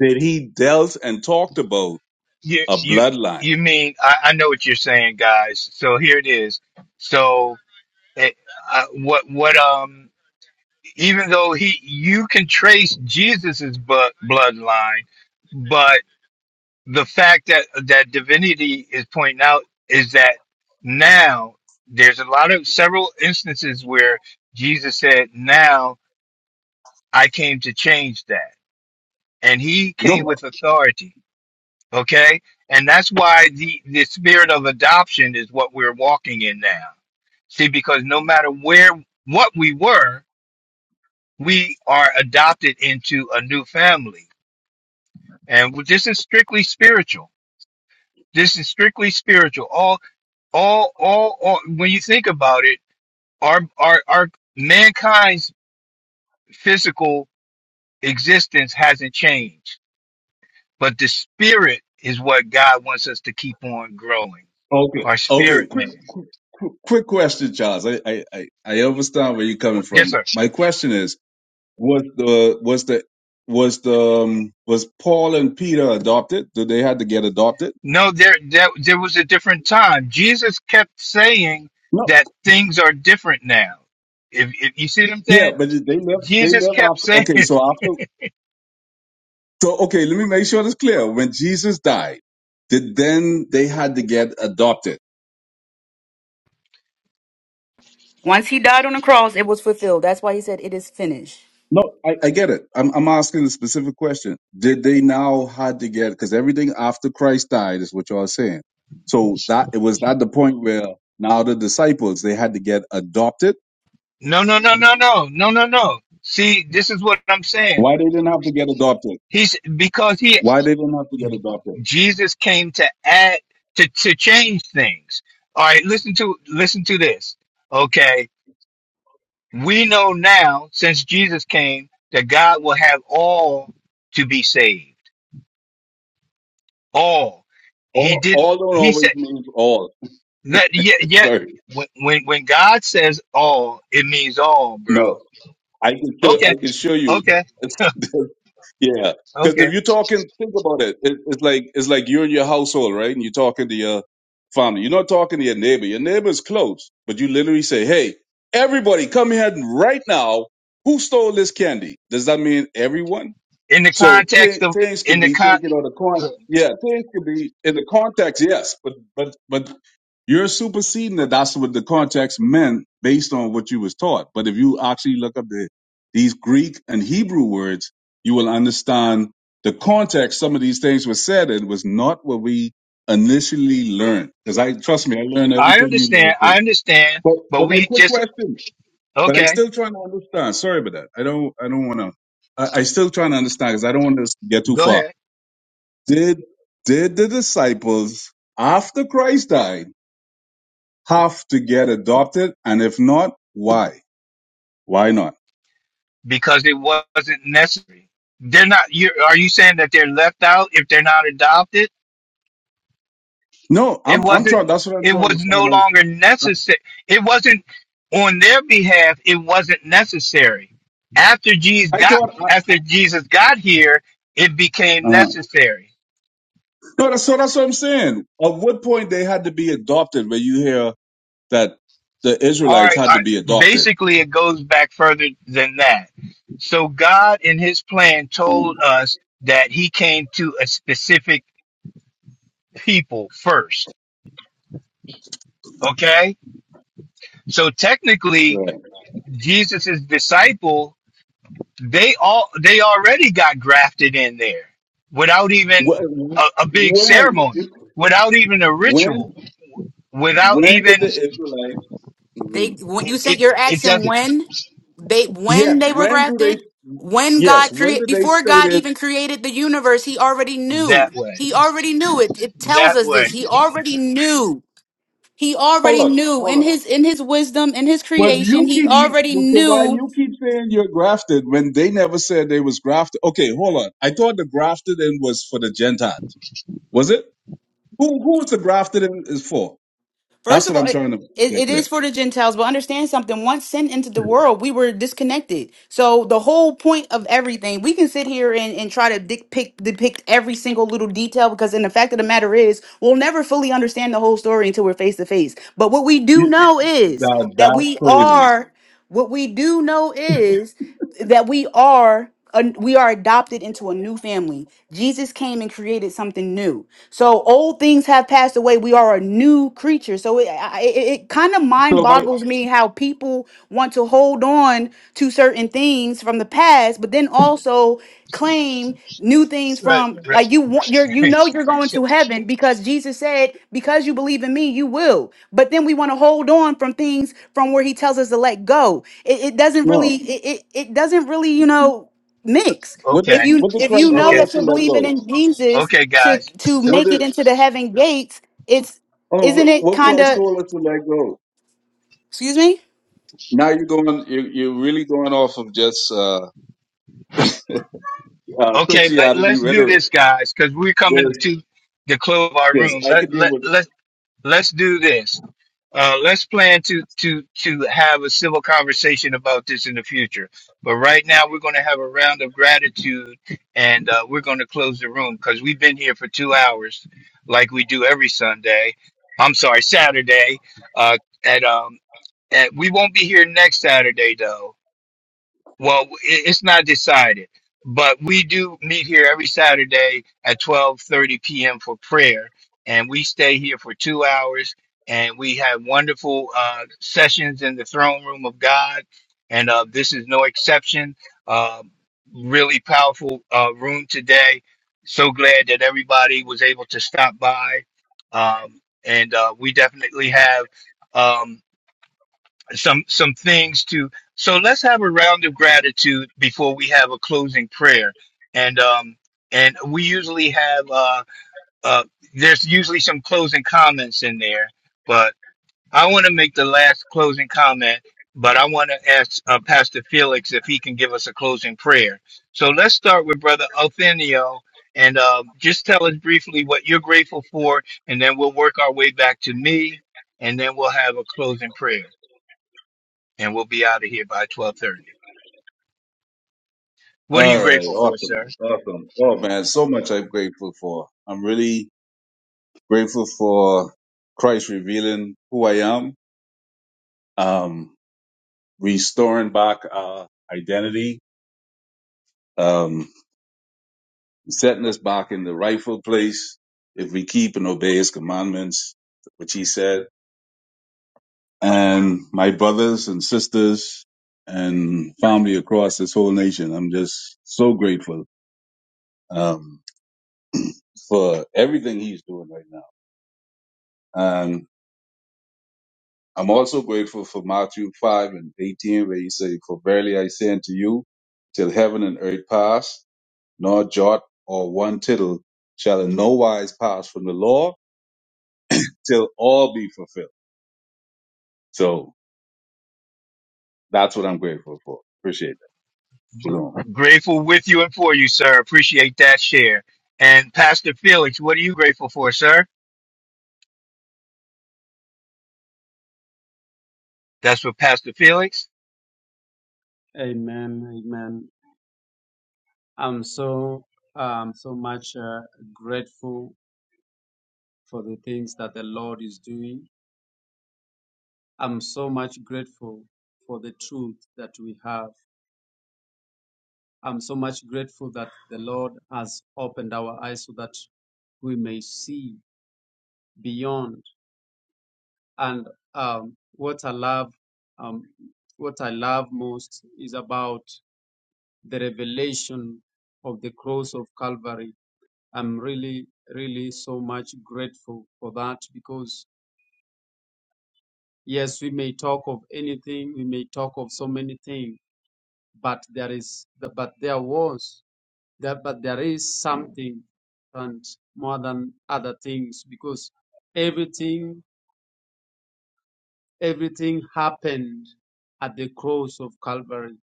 that he dealt and talked about
You
a
you
bloodline.
you mean I, I know what you're saying, guys. So here it is. So it, uh, what what um even though he you can trace Jesus's bu- bloodline, but the fact that that divinity is pointing out is that now there's a lot of several instances where Jesus said, "Now I came to change that," and he
no,
came with authority Okay? And that's why the, the spirit of adoption is what we're walking in now. See, because no matter where, what we were, we are adopted into a new family. And this is strictly spiritual. This is strictly spiritual. All, all, all, all when you think about it, our, our, our mankind's physical existence hasn't changed, but the spirit is what God wants us to keep on growing.
Okay.
Our
Okay.
spirit
Quick,
man.
quick question, Charles. I, I, I I understand where you're coming
Yes,
from.
sir.
My question is. Was the was the was the um, was Paul and Peter adopted? Did they had to get adopted?
No, there, there there was a different time. Jesus kept saying
No.
that things are different now. If, if you see what I'm
Yeah,
saying,
but they left. They
Jesus
left
kept
after.
saying,
Okay, so after. So okay, let me make sure this clear. When Jesus died, did then they had to get adopted?
Once he died on the cross, it was fulfilled. That's why he said it is finished.
No, I, I get it. I'm I'm asking a specific question. Did they now had to get? Because everything after Christ died is what you all saying. So that it was at the point where now the disciples they had to get adopted.
"No, no, no, no, no, no, no, no." See, this is what I'm saying.
Why they didn't have to get adopted?
He's because he
Why they don't have to get adopted?
Jesus came to add to to change things. All right, listen to listen to this. Okay, we know now since Jesus came that God will have all to be saved. All he
All,
didn't.
all don't
He said.
always mean all.
That yeah yeah.
Sorry,
When when when God says all, it means all, bro.
no. I can show. I
Okay,
can show you.
okay,
It's- yeah, because
okay.
if you're talking, think about it. it. It's like it's like you're in your household, right? And you're talking to your family. You're not talking to your neighbor. Your neighbor's close, but you literally say, "Hey, everybody, come here right now. Who stole this candy?" Does that mean everyone?
In the
So
context
th-
of
things can
in the
be
con,
taken out of con. Yeah, things can be in the context. Yes, but but but You're superseding that. That's what the context meant based on what you was taught. But if you actually look up the these Greek and Hebrew words, you will understand the context some of these things were said and was not what we initially learned. Because I trust me, I learned
I
everything you
understand,
learned
I
too.
understand,
But
but
but my
we
quick
just
question, but I'm
okay.
still trying to understand. Sorry about that. I don't I don't want to. I, I still trying to understand because I don't want to get too
Go
far.
ahead
Did did the disciples after Christ died? have to get adopted, and if not, why? Why not?
because it wasn't necessary. They're not. You are you saying that they're left out if they're not adopted?
No,
It
I'm I'm
wasn't.
trying. That's what I'm
It
trying to
was no
find out.
longer necessary. It wasn't on their behalf. It wasn't necessary. After Jesus
I I
got
thought, I,
after Jesus got here, it became
uh,
necessary.
no, that's so that's what I'm saying. At what point they had to be adopted? Where you hear that the
All
Israelites
right.
had
All
to be
right.
adopted?
Basically, it goes back further than that. So God, in His plan,
Mm.
told us that He came to a specific people first. Okay. So technically,
Yeah.
Jesus' disciple they all they already got grafted in there without even
Wh-
a, a big
When
ceremony without even a ritual
when
without
when did
even
the Israelites?
They
Mhm.
when you
it,
said
it
you're
it
asking
doesn't
when? they
Yes,
when they were
when do they?
grafted when
Yes,
god
when
created,
did they
before
say
god
that?
even created the universe he already
that
knew
way
he already knew it it tells
that
us
way
this he already knew he
Hold
already
on,
knew
hold
in
on.
his in his wisdom in his
But
creation
you
he
keep you-
already
so why
knew
you keep saying you're grafted when they never said they was grafted. Okay, hold on. I thought the grafted in was for the Gentiles. Was it? Who who is the grafted in is for?
First
That's
of
what
all,
I'm
it,
trying to
it,
get
it
clear.
is for the Gentiles, but understand something. Once sin entered the world, we were disconnected. So the whole point of everything, we can sit here and, and try to depict, depict every single little detail because in the fact of the matter is, we'll never fully understand the whole story until we're face to face. But what we do
You,
know is
that
that
that's
we
crazy.
are. What we do know is that we are we are adopted into a new family. Jesus came and created something new. So old things have passed away. We are a new creature. So it I- it, it kind of
So
mind
if I
boggles me how people want to hold on to certain certain things from the past, but then also claim new things
right
from
right
like you want you're you know you're going to heaven because Jesus said, because you believe in me, you will. But then we want to hold on from things from where he tells us to let go. It, it doesn't really
no,
it, it it doesn't really, you know, mix.
what did
If
okay
you
what did
if you
Christ
know
told
okay
that
us to
you're
let
believing
go?
in Jesus
okay
to
guys
to
so
What
make
did
it into the heaven gates, it's isn't
oh
it
what
kind of
Christ told us to let go?
excuse me?
Now you're going you you're really going off of just uh, uh,
okay let,
Christianity
let's do
rhetoric.
this guys because we're
There's
coming to the close of our
because
room
I
let,
could deal
let,
with
let, let's do this Uh, let's plan to to to have a civil conversation about this in the future. But right now, we're going to have a round of gratitude, and uh, we're going to close the room because we've been here for two hours, like we do every Sunday. I'm sorry, Saturday. Uh, and um, at we won't be here next Saturday though. Well, i- it's not decided, but we do meet here every Saturday at 12:30 p.m. for prayer, and we stay here for 2 hours and we have wonderful uh sessions in the throne room of God, and uh this is no exception. Uh really powerful uh room today. So glad that everybody was able to stop by. Um and uh we definitely have um some some things to so let's have a round of gratitude before we have a closing prayer and um and we usually have uh uh there's usually some closing comments in there but i want to make the last closing comment but i want to ask uh, pastor felix if he can give us a closing prayer so let's start with brother Othenio and uh, just tell us briefly what you're grateful for and then we'll work our way back to me and then we'll have a closing prayer and we'll be out of here by 12:30. What are you
All right,
grateful for,
awesome,
sir?
awesome. Oh man, so much I'm grateful for. I'm really grateful for Christ revealing who I am, um, restoring back our identity, um, setting us back in the rightful place if we keep and obey His commandments, which He said. And my brothers and sisters and family across this whole nation, I'm just so grateful um, for everything He's doing right now. I'm also grateful for Matthew 5 and 18, where he said, For verily I say unto you, till heaven and earth pass, nor jot or one tittle shall in no wise pass from the law till all be fulfilled. So that's what I'm grateful for. Appreciate that.
Gr-
Shalom.
grateful with you and for you, sir. Appreciate that share. And Pastor Felix, what are you grateful for, sir? That's for Pastor Felix.
Amen. Amen. I'm so um so much uh, grateful for the things that the Lord is doing. I'm so much grateful for the truth that we have. I'm so much grateful that the Lord has opened our eyes so that we may see beyond. And um, what I love, um, what I love most is about the revelation of the cross of Calvary. I'm really, really so much grateful for that because yes, we may talk of anything, we may talk of so many things, but there is, but there was That, but there is something and more than other things because everything, everything happened at the cross of Calvary.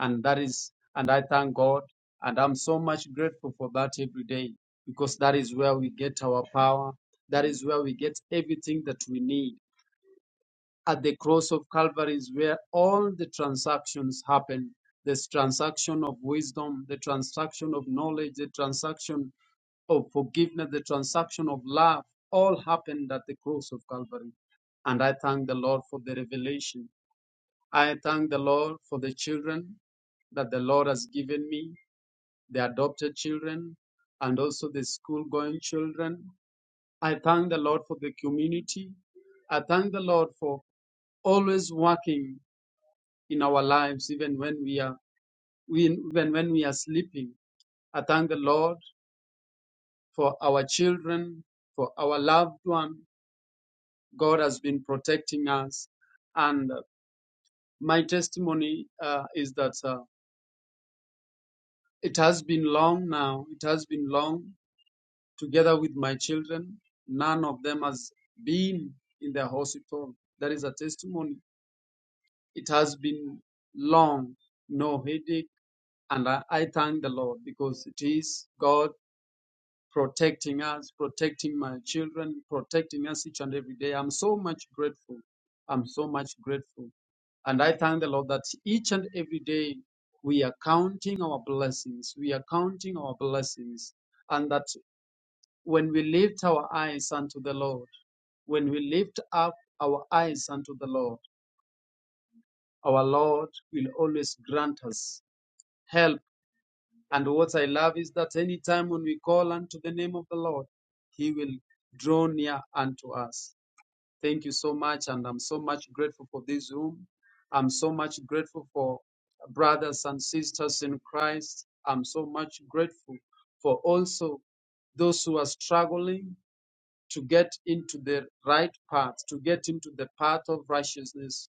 And that is, and I thank God. And I'm so much grateful for that every day because that is where we get our power. That is where we get everything that we need. At the cross of Calvary is where all the transactions happen. This transaction of wisdom, the transaction of knowledge, the transaction of forgiveness, the transaction of love, all happened at the cross of Calvary. And I thank the Lord for the revelation. I thank the Lord for the children that the Lord has given me, the adopted children, and also the school going children. I thank the Lord for the community. I thank the Lord for always working in our lives, even when we are we, even when we are sleeping. I thank the Lord for our children, for our loved one. God has been protecting us. And uh, my testimony uh, is that uh, it has been long now. It has been long together with my children. None of them has been in the hospital. That is a testimony. It has been long, no headache. And I, I thank the Lord because it is God protecting us, protecting my children, protecting us each and every day. I'm so much grateful. I'm so much grateful. And I thank the Lord that each and every day we are counting our blessings. We are counting our blessings. And that when we lift our eyes unto the Lord, when we lift up our eyes unto the Lord, our Lord will always grant us help And what I love is that any time when we call unto the name of the Lord, He will draw near unto us. Thank you so much, and I'm so much grateful for this room. I'm so much grateful for brothers and sisters in Christ. I'm so much grateful for also those who are struggling to get into the right path, to get into the path of righteousness.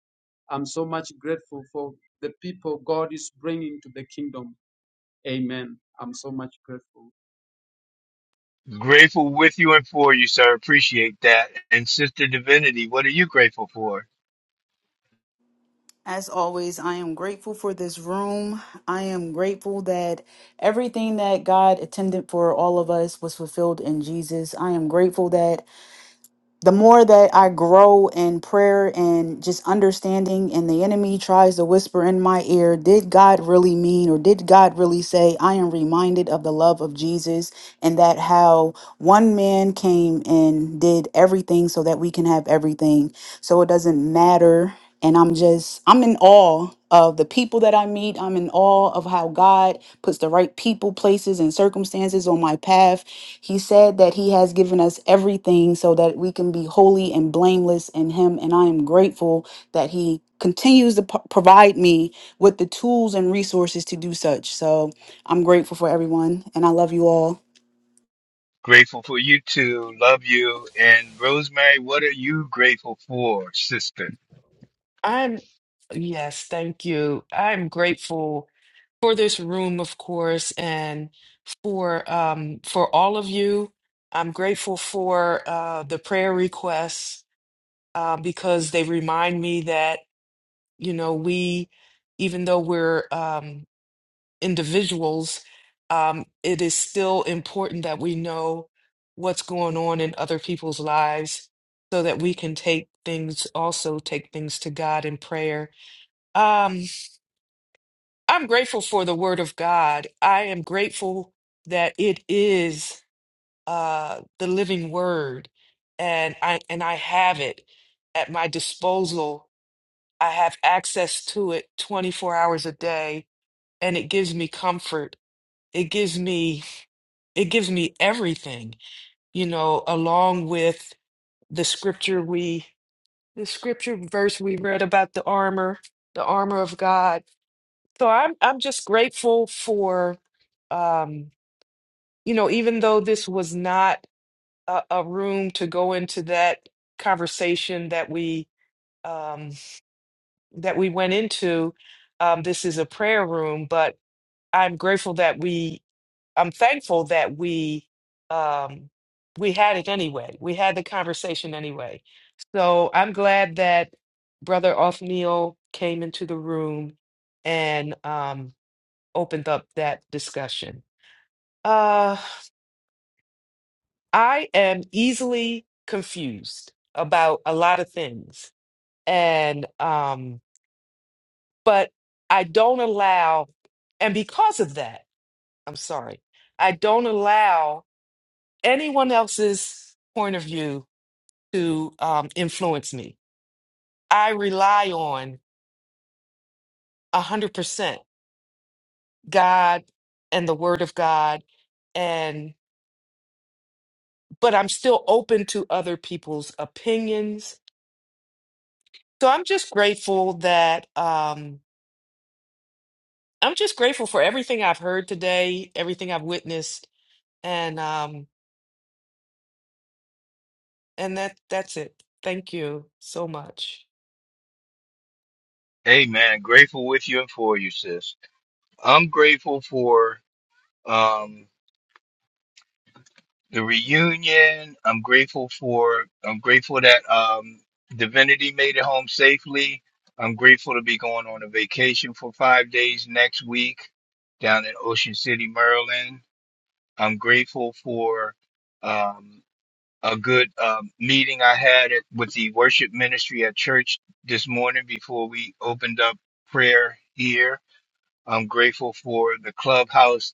I'm so much grateful for the people God is bringing to the kingdom. Amen. I'm so much grateful.
Grateful with you and for you, sir. Appreciate that. And Sister Divinity, what are you grateful for?
As always, I am grateful for this room. I am grateful that everything that God intended for all of us was fulfilled in Jesus. I am grateful that the more that I grow in prayer and just understanding, and the enemy tries to whisper in my ear, did God really mean or did God really say, I am reminded of the love of Jesus and that how one man came and did everything so that we can have everything. So it doesn't matter and I'm just I'm in awe of the people that I meet. I'm in awe of how God puts the right people, places, and circumstances on my path. He said that He has given us everything so that we can be holy and blameless in Him, and I am grateful that He continues to p- provide me with the tools and resources to do such. So I'm grateful for everyone, and I love you all.
Grateful for you too. Love you. And Rosemary, what are you grateful for, sister?
I'm, yes, thank you. I'm grateful for this room, of course, and for um for all of you. I'm grateful for uh the prayer requests uh, because they remind me that, you know, we, even though we're um individuals, um, it is still important that we know what's going on in other people's lives so that we can take things, also take things to God in prayer. Um, I'm grateful for the Word of God. I am grateful that it is uh, the living Word, and I and I have it at my disposal. I have access to it 24 hours a day, and it gives me comfort. It gives me it gives me everything, you know, along with the scripture we, the scripture verse we read about the armor, the armor of God. So I'm I'm just grateful for, um, you know, even though this was not a, a room to go into that conversation that we um, that we went into, um, this is a prayer room, but I'm grateful that we I'm thankful that we um, we had it anyway. We had the conversation anyway. So I'm glad that Brother Othniel came into the room and um, opened up that discussion. Uh, I am easily confused about a lot of things, and um, but I don't allow, and because of that, I'm sorry, I don't allow anyone else's point of view to um, influence me. I rely on 100% God and the Word of God, and but I'm still open to other people's opinions. So I'm just grateful that um, I'm just grateful for everything I've heard today, everything I've witnessed, and um, and that that's it. Thank you so much.
Amen. Grateful with you and for you, sis. I'm grateful for um the reunion. I'm grateful for. I'm grateful that um, Divinity made it home safely. I'm grateful to be going on a vacation for five days next week down in Ocean City, Maryland. I'm grateful for um, a good um, meeting I had at, with the worship ministry at church this morning before we opened up prayer here. I'm grateful for the Clubhouse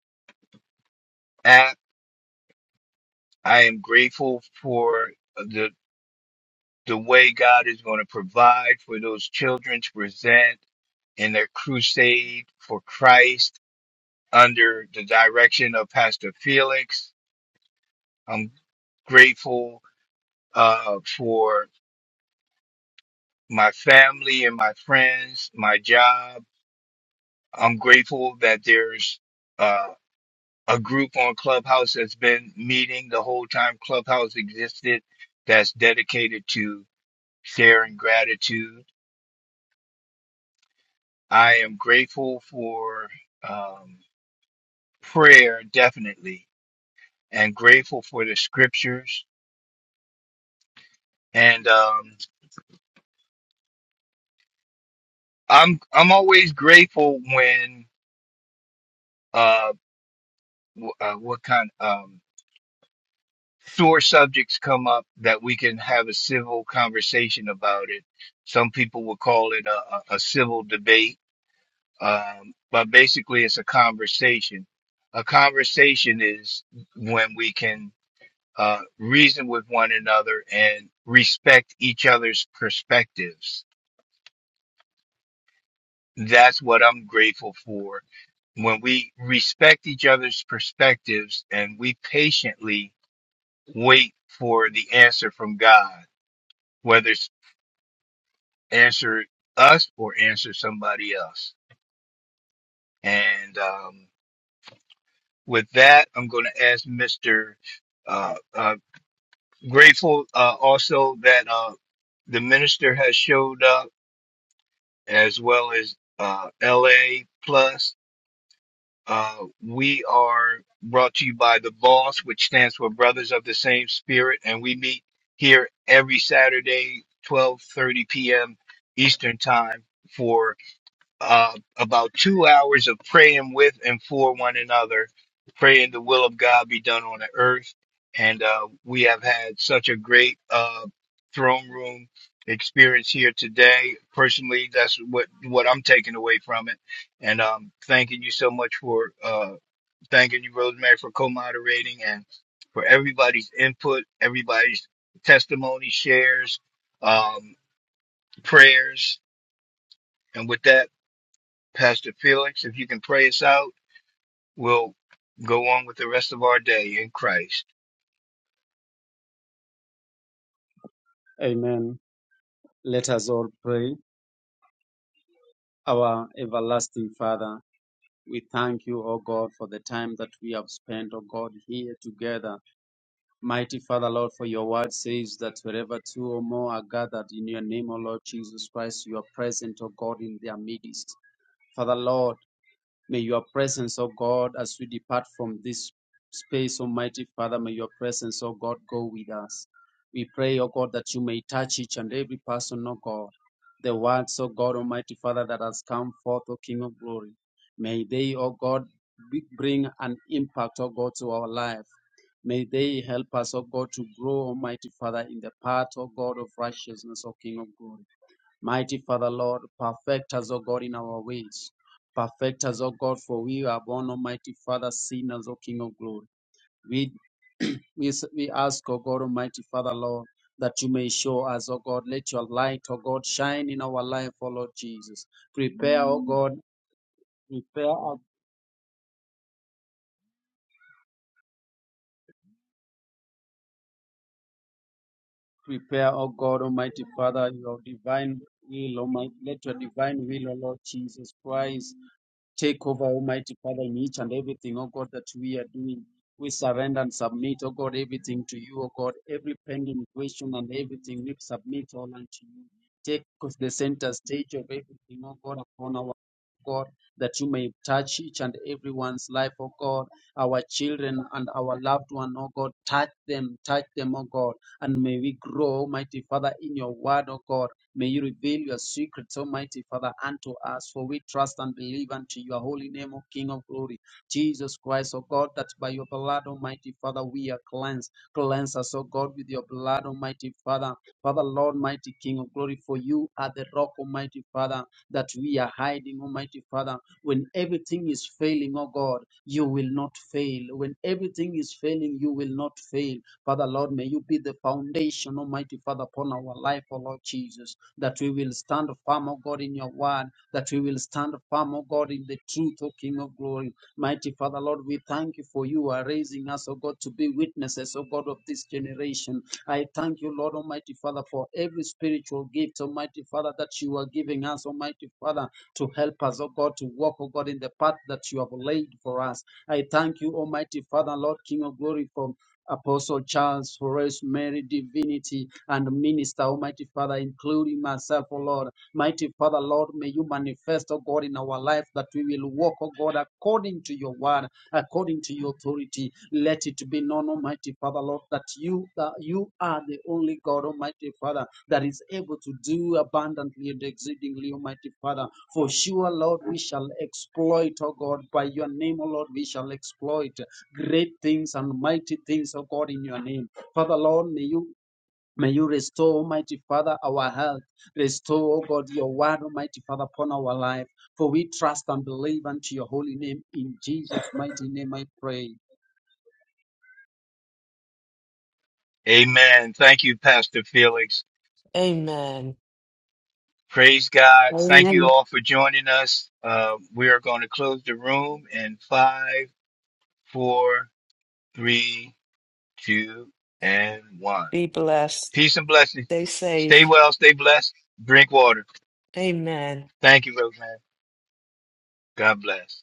app. I am grateful for. the. the way God is going to provide for those children to present in their crusade for Christ under the direction of Pastor Felix. I'm grateful uh, for my family and my friends, my job. I'm grateful that there's uh, a group on Clubhouse that's been meeting the whole time Clubhouse existed that's dedicated to sharing gratitude. I am grateful for. Um, prayer definitely and grateful for the scriptures and um i'm i'm always grateful when uh, w- uh what kind um sore subjects come up that we can have a civil conversation about it some people would call it a, a, a civil debate um but basically it's a conversation a conversation is when we can uh reason with one another and respect each other's perspectives That's what I'm grateful for. When we respect each other's perspectives and we patiently wait for the answer from God, whether it's answer us or answer somebody else. And um, with that, I'm going to ask Mr. Uh, uh, grateful uh, also that uh, the minister has showed up as well as uh, LA Plus Uh, we are brought to you by the BOSS, which stands for Brothers of the Same Spirit, and we meet here every Saturday, 12:30 p.m. Eastern Time for uh, about two hours of praying with and for one another, praying the will of God be done on the earth. And uh, we have had such a great uh, throne room experience here today. Personally, that's what what I'm taking away from it. And um, thanking you so much for uh, thanking you, Rosemary, for co-moderating and for everybody's input, everybody's testimony, shares, um, prayers. And with that. Pastor Felix, if you can pray us out, we'll go on with the rest of our day in Christ.
Amen. Let us all pray. Our everlasting Father, we thank you, O God, for the time that we have spent, O God, here together. Mighty Father, Lord, for your word says that wherever two or more are gathered in your name, O Lord Jesus Christ, you are present, O God, in their midst. Father, Lord, May your presence, O God, as we depart from this space, Almighty Father, may your presence, O God, go with us. We pray, O God, that you may touch each and every person, O God. The words, O God, Almighty Father, that has come forth, O King of Glory. May they, O God, be- bring an impact, O God, to our life. May they help us, O God, to grow, Almighty Father, in the path, O God, of righteousness, O King of Glory. Mighty Father, Lord, perfect us, O God, in our ways. Perfect us, O God, for we are born, Almighty Father, sinners, O King of glory. We, we, we ask, O God, Almighty Father, Lord, that you may show us, O God, let your light, O God, shine in our life, O Lord Jesus. Prepare, O God, prepare, O- prepare, O God, Almighty Father, your divine will, Almighty, let your divine will, O Lord Jesus Christ, Take over, Almighty Father, in each and everything, oh God, that we are doing. We surrender and submit, oh God, everything to you, oh God. Every pending question and everything, we submit all unto you. Take the center stage of everything, oh God, upon our God, that you may touch each and everyone's life, oh God, our children and our loved one, oh God. Touch them, touch them, oh God. And may we grow, Almighty Father, in your word, oh God May you reveal your secrets, Almighty Father, unto us, for we trust and believe unto your holy name, O King of glory. Jesus Christ, O God, that by your blood, Almighty Father, we are cleansed. Cleanse us, O God, with your blood, Almighty Father. Father, Lord, mighty King of glory, for you are the rock, Almighty Father, that we are hiding, Almighty Father. When everything is failing, O God, you will not fail. When everything is failing, you will not fail. Father, Lord, may you be the foundation, Almighty Father, upon our life, O Lord Jesus that we will stand firm, O God, in your word, that we will stand firm, O God, in the truth, O King of glory. Mighty Father, Lord, we thank you for you are raising us, O God, to be witnesses, O God, of this generation. I thank you, Lord Almighty Father, for every spiritual gift, Almighty Father, that you are giving us, Almighty Father, to help us, O God, to walk, O God, in the path that you have laid for us. I thank you, Almighty Father, Lord, King of glory, for Apostle Charles, Horace, Mary, Divinity, and Minister, Almighty Father, including myself, O Lord. Mighty Father, Lord, may you manifest, O God, in our life that we will walk, O God, according to your word, according to your authority. Let it be known, Almighty Father, Lord, that you that you are the only God, Almighty Father, that is able to do abundantly and exceedingly, Almighty Father. For sure, Lord, we shall exploit, O God, by your name, O Lord, we shall exploit great things and mighty things, oh God, in your name. Father Lord, may you may you restore, Almighty Father, our health. Restore, oh God, your word, Almighty Father, upon our life. For we trust and believe unto your holy name. In Jesus' mighty name I pray.
Amen. Thank you, Pastor Felix.
Amen.
Praise God. Thank
Amen.
you all for joining us. Uh, we are going to close the room in five, four, three, two, and one.
Be blessed.
Peace and blessings.
Stay
Stay
safe.
well, stay blessed, drink water.
Amen.
Thank you, Roseman. God bless.